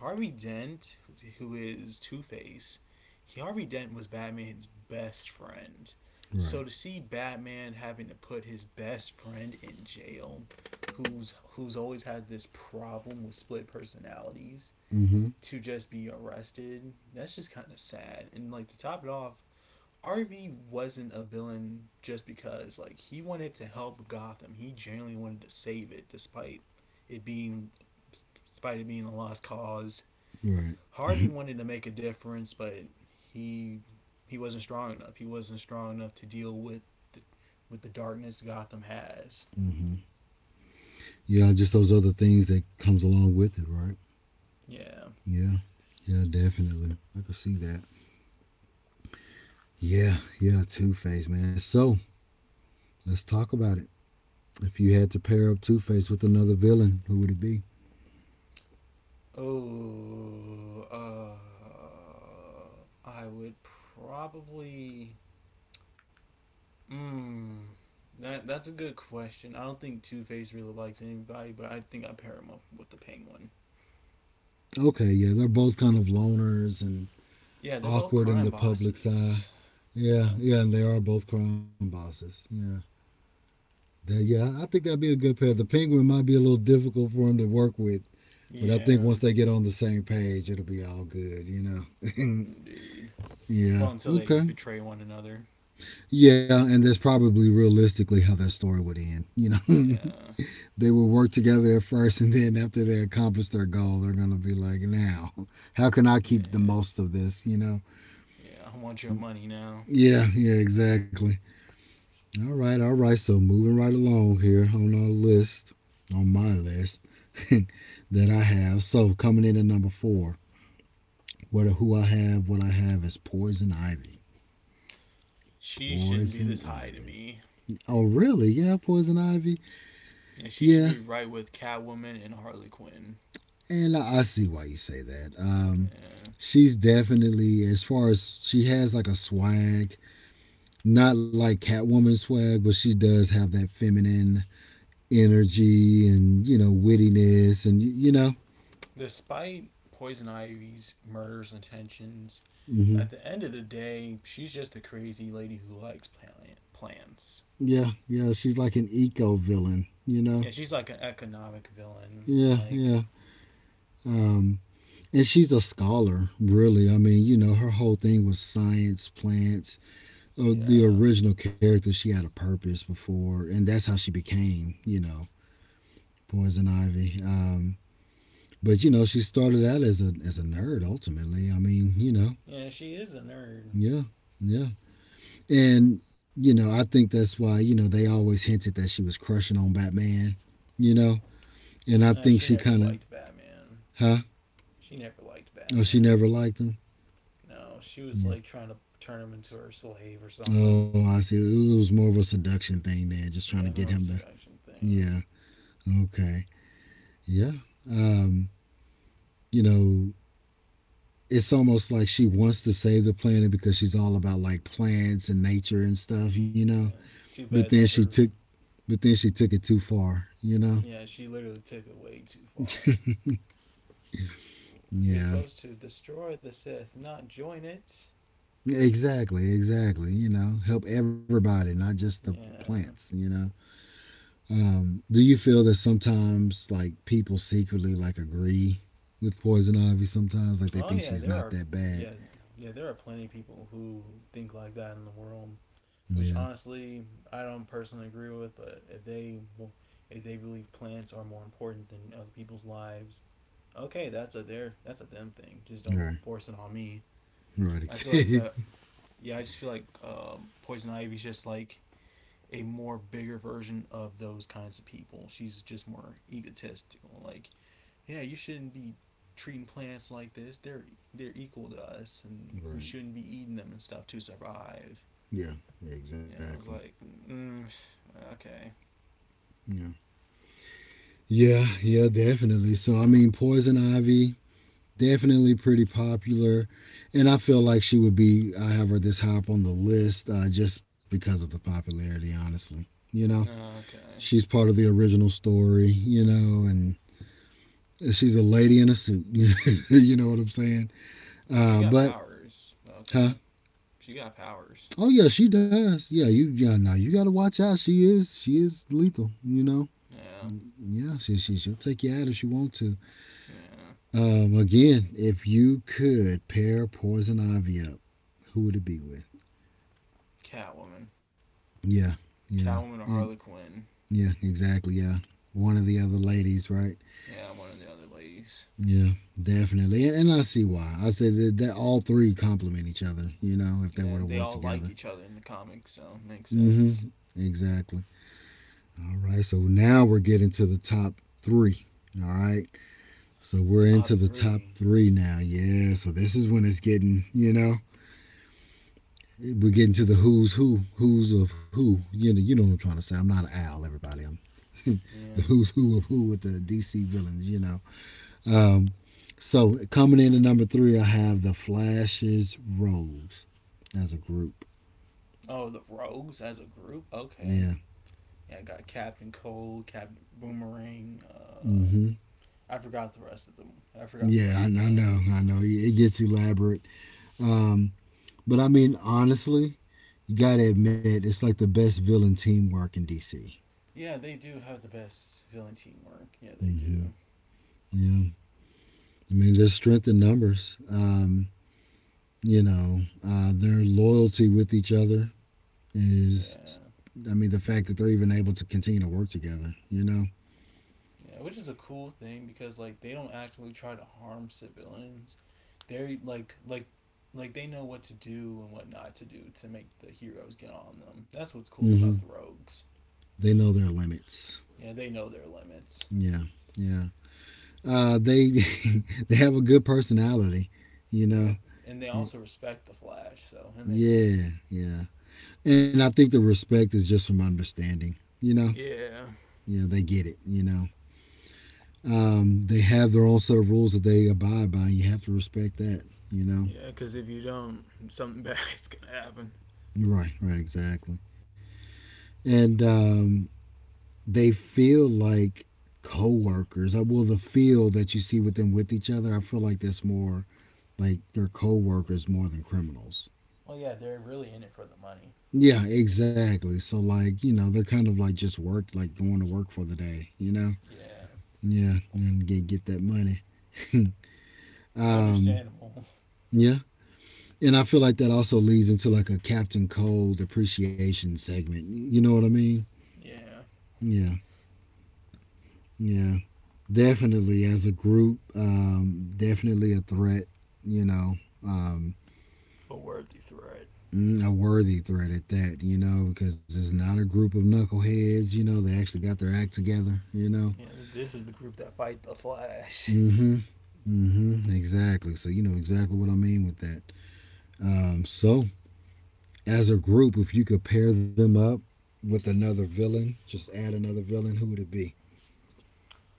Harvey Dent, who is Two Face, Harvey Dent was Batman's best friend. Right. So to see Batman having to put his best friend in jail, who's always had this problem with split personalities, Mm-hmm. to just be arrested, that's just kind of sad. And like to top it off, Harvey wasn't a villain just because like he wanted to help Gotham. He genuinely wanted to save it it being despite it being a lost cause. Right. Harvey wanted to make a difference, but he he wasn't strong enough. He wasn't strong enough to deal with the the darkness Gotham has. Mm-hmm. Yeah, just those other things that comes along with it, right? Yeah. Yeah. Yeah, definitely. I can see that. Yeah. Yeah. Two Face, man. So let's talk about it. If you had to pair up Two Face with another villain, who would it be? Oh, I would probably. Mm, that that's a good question. I don't think Two Face really likes anybody, but I think I pair him up with the Penguin. Okay. Yeah, they're both kind of loners and Yeah, they're both awkward in crime the public's eye. bosses. Yeah, Yeah, yeah, and they are both crime bosses. Yeah, that, yeah, think that'd be a good pair. The penguin might be a little difficult for him to work with, but I think yeah, once they get on the same page, it'll be all good, you know. indeed. yeah. Well, until they Okay. betray one another. Yeah, and that's probably realistically how that story would end. You know, Yeah, they will work together at first, and then after they accomplish their goal, they're gonna be like, now, how can I keep the yeah, most of this? You know. yeah. I want your money now. Yeah. Yeah. Exactly. All right, all right. So moving right along here on our list, on my list that I have. So coming in at number four, what I have is Poison Ivy. She shouldn't be Poison this high to Ivy. me. Oh, really? Yeah, Poison Ivy. Yeah, she should Yeah, be right with Catwoman and Harley Quinn. and I see why you say that. Yeah. She's definitely, as far as she has like a swag, not like Catwoman swag, but she does have that feminine energy and, you know, wittiness and you know. Despite Poison Ivy's murderous intentions, Mm-hmm. at the end of the day, she's just a crazy lady who likes plants. Yeah, yeah, she's like an eco villain, you know? Yeah, she's like an economic villain. Yeah, Like, yeah. Um, and she's a scholar, really. I mean, you know, her whole thing was science, plants. The yeah. original character, she had a purpose before, and that's how she became, you know, Poison Ivy. But you know, she started out as a nerd. Ultimately, I mean, you know, Yeah, she is a nerd. yeah, yeah. And you know, I think that's why, you know, they always hinted that she was crushing on Batman. You know, and I She think she never kind liked of, Batman. huh? She never liked Oh, she Batman. never liked him. No, she was like Yeah. trying to turn him into her slave or something. Oh, I see. It was more of a seduction thing there, just trying Yeah, to more get of a him to. seduction thing. Yeah. Okay. Yeah. Um. You know, it's almost like she wants to save the planet because she's all about like plants and nature and stuff. You know. Yeah. Too But then bad she that took. her. But then she took it too far. You know. Yeah, she literally took it way too far. You're Yeah. supposed to destroy the Sith, not join it. Exactly. Exactly. You know, help everybody, not just the plants. Yeah. You know. Do you feel that sometimes like people secretly like agree with Poison Ivy sometimes? Like they Oh think yeah, she's there not are that bad. yeah, yeah, there are plenty of people who think like that in the world, Yeah. which honestly I don't personally agree with, but if they believe plants are more important than other people's lives, okay, that's a them thing. Just don't Right. force it on me. Right. I feel like Exactly. that yeah, I just feel like Poison Ivy's just like a more bigger version of those kinds of people. She's just more egotistical. Like yeah, you shouldn't be treating plants like this. They're equal to us, and we right. shouldn't be eating them and stuff to survive. Yeah. Yeah. Yeah, I Exactly. was like, mm, okay, Yeah. Yeah. Yeah. Definitely. So I mean, Poison Ivy, definitely pretty popular, and I feel like she would be. I have her this high up on the list, just because of the popularity. Honestly, you know, okay. she's part of the original story. You know, and she's a lady in a suit. you know what I'm saying? Well, she got But powers. Okay, huh? she got powers. Oh yeah, she does. Yeah, now you gotta watch out. She is lethal, you know? Yeah, Yeah, she'll take you out if she wants to. yeah. Um, again, if you could pair poison ivy up, who would it be with? Catwoman, Yeah, yeah. Catwoman or And Harley Quinn. yeah, exactly, yeah. One of the other ladies, right? Yeah, one of the other ladies. Yeah, definitely. And I see why. I say that, that all three complement each other, you know, if they Yeah, were to they work all like together. each other in the comics, so makes Mm-hmm. sense. Exactly. All right. So now we're getting to the top three. All right. So we're Top into the top three. three now. Yeah. So this is when it's getting, you know, we're getting to the who's who, who's of who. You know what I'm trying to say. I'm not an owl, everybody. I'm the Yeah. who's who of who with the DC villains. You know. Um, so coming in at number three, I have the Flash's Rose as a group. Oh, the Rogues as a group. Yeah. Okay. Yeah, I got Captain Cold, Captain Boomerang. Mm-hmm. I forgot the rest of them. I forgot the Yeah, rest of the I know, ones. I know. It gets elaborate. Um, but I mean, honestly, you gotta admit it's like the best villain teamwork in DC. Yeah, they do have the best villain teamwork. Yeah, they Mm-hmm. do. Yeah, I mean, there's strength in numbers. You know, their loyalty with each other is, Yeah, I mean, the fact that they're even able to continue to work together. You know, yeah, which is a cool thing because like they don't actually try to harm civilians. They're like they know what to do and what not to do to make the heroes get on them. That's what's cool mm-hmm. about the rogues. They know their limits. Yeah, they know their limits. Yeah, yeah. They they have a good personality. You Yep, know, and they also respect the Flash, so it makes sense. yeah, yeah. And I think the respect is just from understanding. You know, Yeah. you know they get it, you know, they have their own set of rules that they abide by. You have to respect that, you know, Yeah, because if you don't, something bad's gonna happen. right, right, exactly. And they feel like co-workers. Well, the feel that you see with them with each other, I feel like that's more like they're co-workers more than criminals. Well, yeah, they're really in it for the money. Yeah, exactly, so like, you know, they're kind of like just work, like going to work for the day, you know, Yeah, yeah, and get that money. um, understandable. yeah. And I feel like that also leads into like a Captain Cold appreciation segment. You know what I mean? Yeah, Yeah, yeah. Definitely as a group, definitely a threat, you know, um, a worthy threat. mm, a worthy threat at that, you know, because it's not a group of knuckleheads, you know, they actually got their act together, you know. Yeah, this is the group that fight the Flash. Mm hmm. Mm hmm. Exactly. So, you know exactly what I mean with that. So, as a group, if you could pair them up with another villain, just add another villain, who would it be?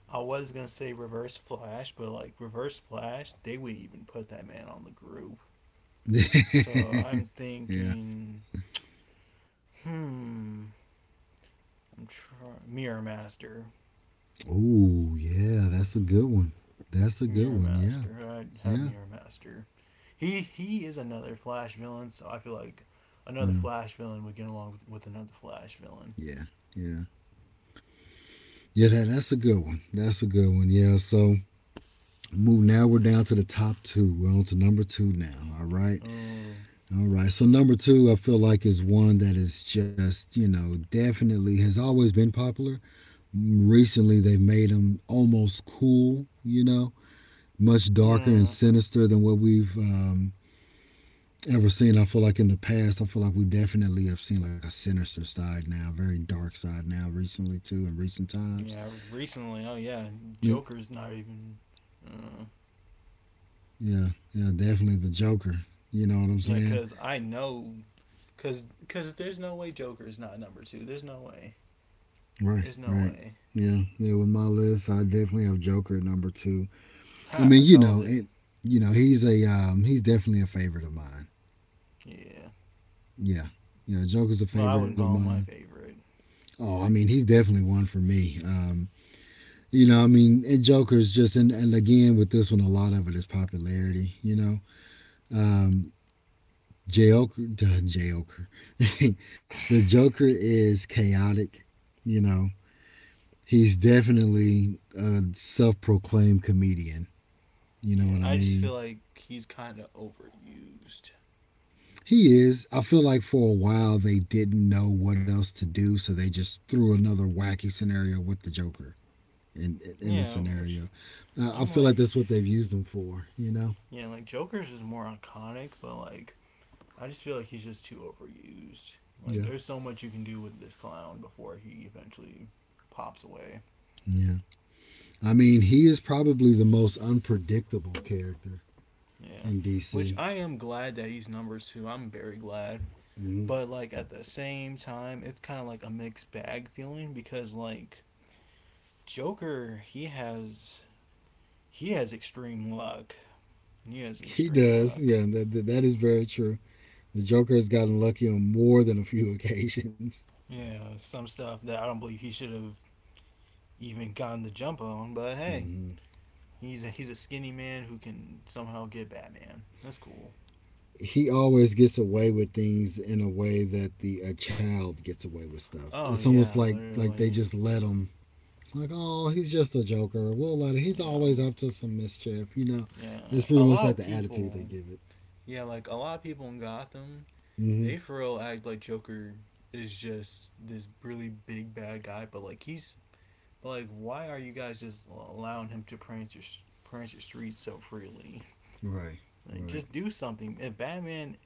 I was gonna say Reverse Flash, but like Reverse Flash, they wouldn't even put that man on the group. So I'm yeah. thinking, hmm, I'm trying Mirror Master. Oh, yeah. That's a good one. That's a good Mirror one. Yeah. Master. I'd have Yeah. Mirror Master. He is another Flash villain, so I feel like another Yeah. Flash villain would get along with another Flash villain. Yeah. Yeah. Yeah, that, that's a good one. That's a good one. Yeah. So move now we're down to the top two. We're on to number two now. All right. Oh, All right. So number two I feel like is one that is just, you know, definitely has always been popular. Recently they've made them almost cool, you know, much darker and mm, sinister than what we've ever seen. I feel like in the past, I feel like we definitely have seen like a sinister side now, very dark side now, recently too, in recent times. yeah. Recently, oh yeah, Yeah, Joker's not even. Uh, yeah, yeah, definitely the Joker. You know what I'm yeah, saying? cause I know, cause there's no way Joker is not number two. There's no way. Right, There's no right. way. Yeah, yeah. With my list, I definitely have Joker at number two. I Ha! I mean, you called know, it. it, you know, he's a he's definitely a favorite of mine. Yeah. Yeah, yeah. Joker's a Well, I favorite of wouldn't call him mine. my favorite. Oh, I mean, he's definitely one for me. You know, I mean, and Joker's just in, and again with this one, a lot of it is popularity. You know, um, Joker, the Joker, the Joker is chaotic. You know, he's definitely a self-proclaimed comedian. You know Yeah, what I I just mean? feel like he's kind of overused. He is. I feel like for a while they didn't know what else to do, so they just threw another wacky scenario with the Joker in the Yeah, which scenario. I I'm feel like like, that's what they've used him for. You know? yeah, like Joker's is more iconic, but like I just feel like he's just too overused. Like Yeah. there's so much you can do with this clown before he eventually pops away. Yeah. I mean, he is probably the most unpredictable character Yeah. in Which DC. I am glad that he's number 2. I'm very glad. Hmm. But like at the same time, it's kind of like a mixed bag feeling because like Joker, he has extreme luck. He has He extreme does. luck. Yeah, that is very true. The Joker has gotten lucky on more than a few occasions. Yeah, some stuff that I don't believe he should have even gotten the jump on, but hey, Hmm. he's a skinny man who can somehow get Batman. That's cool. He always gets away with things in a way that the a child gets away with stuff. Oh It's almost yeah, like they literally. just let him. Like, oh, he's just a Joker. We'll let him. He's Yeah. always up to some mischief, Yeah. It's pretty A much lot like of the attitude they people give it. yeah, like a lot of people in Gotham, Hmm. they for real act like Joker is just this really big bad guy, but like why are you guys just allowing him to prance your streets so freely? Right. Like Right. just do something. If Batman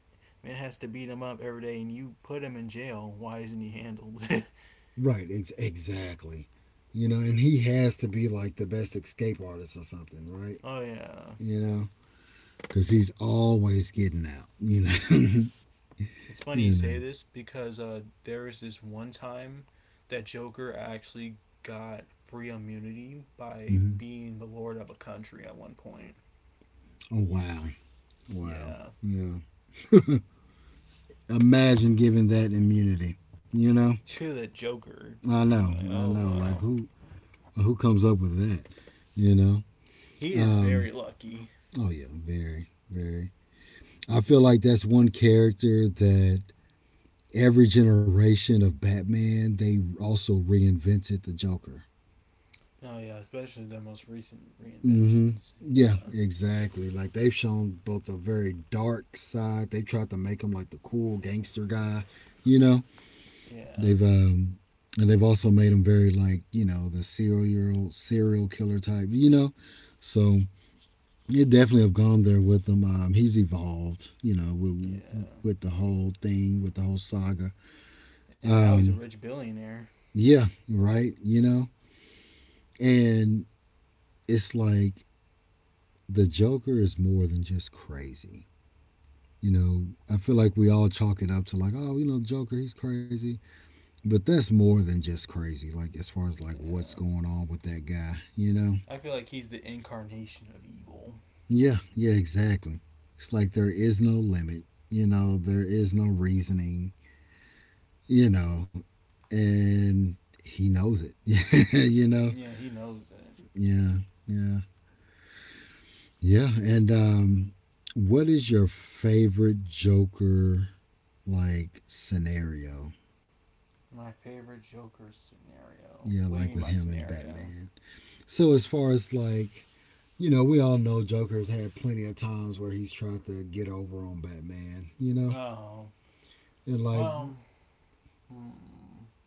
man has to beat him up every day and you put him in jail, why isn't he handled? Right, exactly. You know, and he has to be like the best escape artist or something, right? oh yeah. You know, because he's always getting out. It's funny you you know. say this because there was this one time that Joker actually got free immunity by Hmm. being the lord of a country at one point. Oh wow, wow, Yeah. yeah. Imagine giving that immunity. You know, To the Joker. I I'm know, like, I oh, know. Like wow. Who comes up with that? You know. He is very Um. lucky. Oh yeah, very, very. I feel like that's one character that every generation of Batman, they also reinvented the Joker. Oh, yeah, especially their most recent Mm-hmm. reinventions. Yeah, Yeah. exactly. Like they've shown both a very dark side. They tried to make him like the cool gangster guy, you know. They've Yeah. And they've also made him very like, the serial killer type, So you definitely have gone there with him. He's evolved, Yeah. with the whole thing, with the whole saga. And now he's Um, a rich billionaire. yeah, right, And it's like the Joker is more than just crazy. You know, I feel like we all chalk it up to like, oh, Joker, he's crazy. But that's more than just crazy, like as far as like Yeah. what's going on with that guy, you know? I feel like he's the incarnation of evil. Yeah, yeah, exactly. It's like there is no limit, there is no reasoning, you know, and he knows it. You know? Yeah, he knows it. Yeah, yeah. Yeah. And what is your favorite Joker like scenario? My favorite Joker scenario. Yeah, What do you like mean with by him and scenario? Batman. So as far as like we all know Joker's had plenty of times where he's tried to get over on Batman, you know? Oh, And like, well, hmm,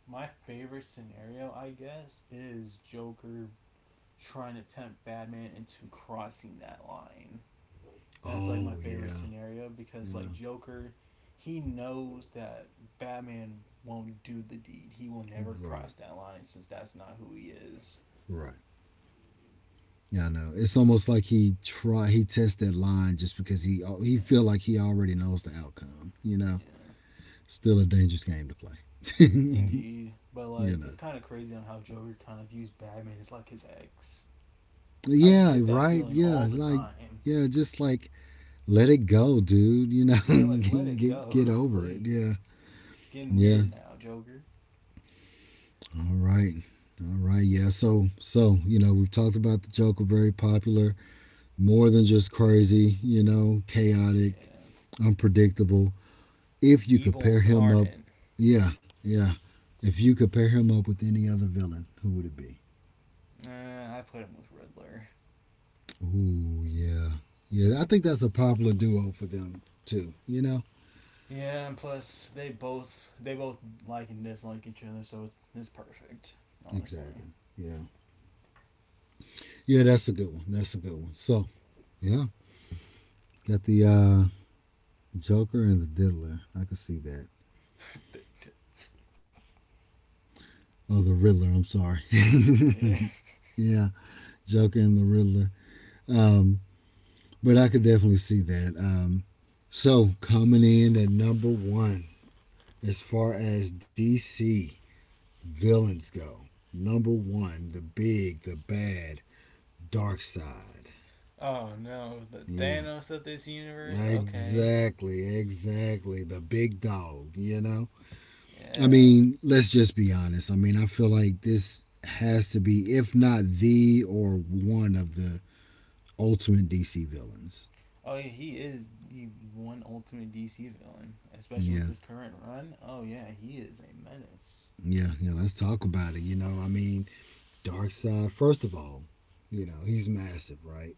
my favorite scenario, I guess, is Joker trying to tempt Batman into crossing that line. That's like my oh favorite yeah, scenario because, yeah, like, Joker, he knows that Batman won't do the deed. He will never right, cross that line since that's not who he is. right. Yeah, I know. It's almost like he tests that line just because he feel Yeah, like he already knows the outcome, you know? yeah. Still a dangerous game to play. You Indeed, but like it's know. kind of crazy on how Joker kind of views Batman as like his ex. I just Yeah, get that right. feeling Yeah, all the like time. yeah, just like let it go, dude. You Yeah, like let know, it go, get over it. please. Yeah, It's getting yeah. weird now, Joker. All right, all right. Yeah. So you know we've talked about the Joker very popular, more than just crazy. You know, Yeah, chaotic, unpredictable. If you evil could pair him incarnate. up, yeah, yeah. If you could pair him up with any other villain, who would it be? Nah, I put him with Riddler. Ooh, yeah, yeah. I think that's a popular duo for them too. You know, Yeah, and plus they both like and dislike each other, so it's perfect. exactly. Honestly. Yeah, yeah. That's a good one. That's a good one. So yeah. Got the Joker and the Diddler. I could see that. Oh, the Riddler. I'm sorry. yeah. Yeah, Joker and the Riddler. Um, but I could definitely see that. So coming in at number one, as far as DC villains go, number one, the big, the bad, Dark Side. Oh no, the Yeah, Thanos of this universe. Okay. exactly, exactly. The big dog, you know. I Yeah. mean, let's just be honest. I mean, I feel like this has to be, if not the or one of the ultimate DC villains. Oh, yeah, he is the one ultimate DC villain, especially with Yeah, this current run. Oh yeah, he is a menace. yeah, yeah. Let's talk about it. You know, I mean, Darkseid. First of all, you know, he's massive, right?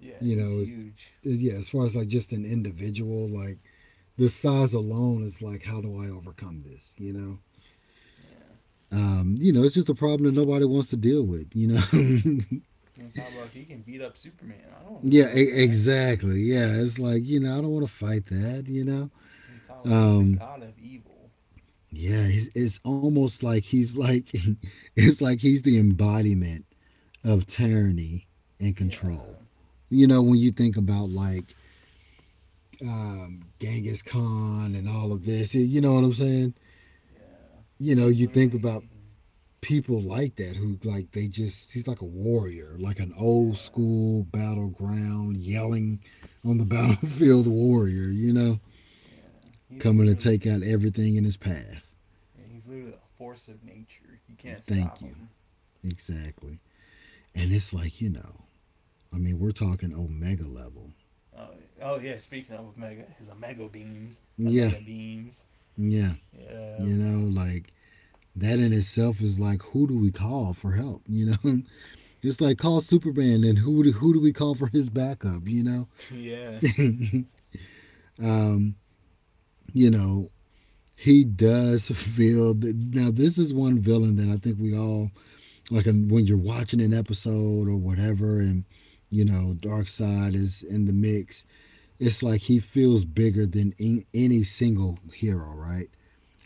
Yeah, You he's know, it's, huge. Yeah. As far as like just an individual, like the size alone is like, how do I overcome this? You know. Yeah, You know, it's just a problem that nobody wants to deal with. You know, and talk about if he can beat up Superman. I don't want to Yeah, deal with that. exactly. Yeah, it's like you know, I don't want to fight that. You know, And talk about he's the um, god of evil. yeah, it's almost like it's like he's the embodiment of tyranny and control. Yeah, You know, when you think about like Genghis Khan and all of this, you know what I'm saying? yeah, You know, he is you think literally. about people like that who like they just he's like a warrior, like an old Yeah, school battleground yelling on the battlefield warrior. You know yeah, he's coming to literally. take out everything in his path. Yeah, he's literally a force of nature. You can't Thank stop you. him. Exactly. And it's like, you know, I mean, we're talking omega level. Oh, yeah. Oh yeah. Speaking of Omega, his Omega beams, Yeah, Omega beams. yeah. Yeah, You know, like that in itself is like, who do we call for help? You know, it's like call Superman and who do we call for his backup? You yeah. know, um, you know, he does feel that now this is one villain that I think we all like when you're watching an episode or whatever and you know dark side is in the mix, it's like he feels bigger than any single hero, right?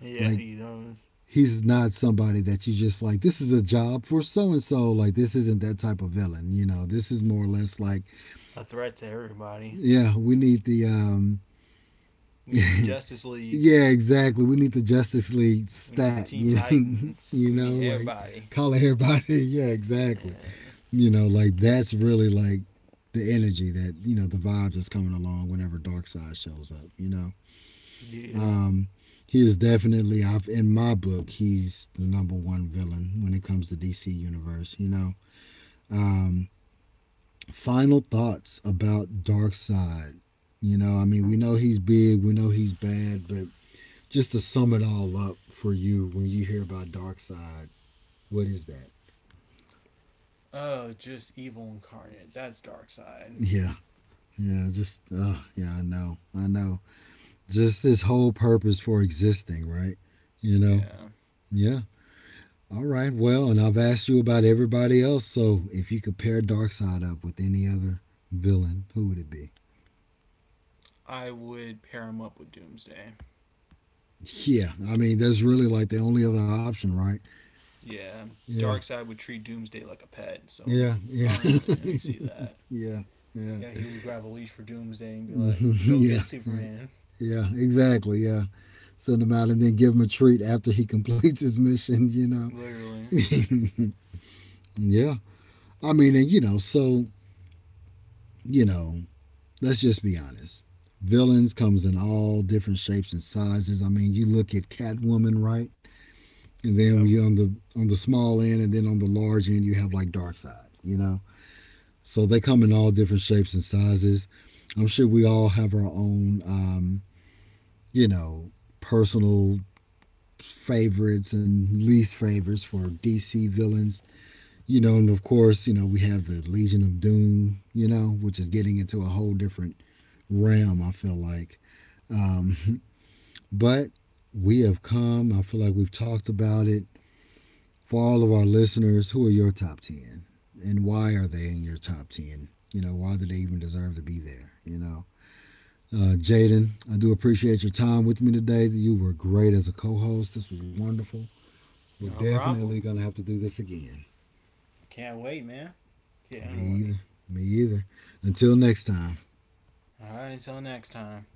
Yeah, Like he does. he's not somebody that you just like this is a job for so and so, like this isn't that type of villain, you know, this is more or less like A threat to everybody. yeah we need the We need the Justice League. yeah exactly we need the Justice League We need the stat. Teen You Titans. We know need like everybody. calling everybody. Yeah exactly Yeah. you know like that's really like the energy that you know the vibe that's coming along whenever Darkseid shows up, you know. Yeah. Um, he is definitely, I've, in my book, he's the number one villain when it comes to DC Universe. You know, um, final thoughts about Dark Side. You know, I mean, we know he's big, we know he's bad, but just to sum it all up for you, when you hear about Dark Side, what is that? Oh, just evil incarnate. That's dark side. Yeah, yeah, just yeah, I know, I know. Just his whole purpose for existing, right? You know, Yeah. yeah. All right, well, and I've asked you about everybody else, so if you could pair Darkseid up with any other villain, who would it be? I would pair him up with Doomsday. Yeah, I mean, that's really like the only other option, right? Yeah. Yeah, Dark side would treat Doomsday like a pet, so yeah, yeah, honestly, I can see that. yeah, yeah, Yeah, he would grab a leash for Doomsday and be Mhm, like, go get yeah, yeah, Superman. yeah, exactly, yeah. Send him out and then give him a treat after he completes his mission, you know? Literally. Yeah, I mean, and you know, so, you know, let's just be honest. Villains comes in all different shapes and sizes. I mean, you look at Catwoman, right? And then Yep. we on the small end, and then on the large end, you have like Darkseid. You know, so they come in all different shapes and sizes. I'm sure we all have our own, you know, personal favorites and least favorites for DC villains. You know, and of course, you know, we have the Legion of Doom, you know, which is getting into a whole different realm, I feel like. Um, but we have come, I feel like we've talked about it. For all of our listeners, who are your top 10 and why are they in your top 10? You know, why do they even deserve to be there? You know, Jaden, I do appreciate your time with me today. You were great as a co host. This was wonderful. We're No definitely going problem. to have to do this again. Can't wait, man. Me Can't wait. either. Me either. Until next time. All right, until next time.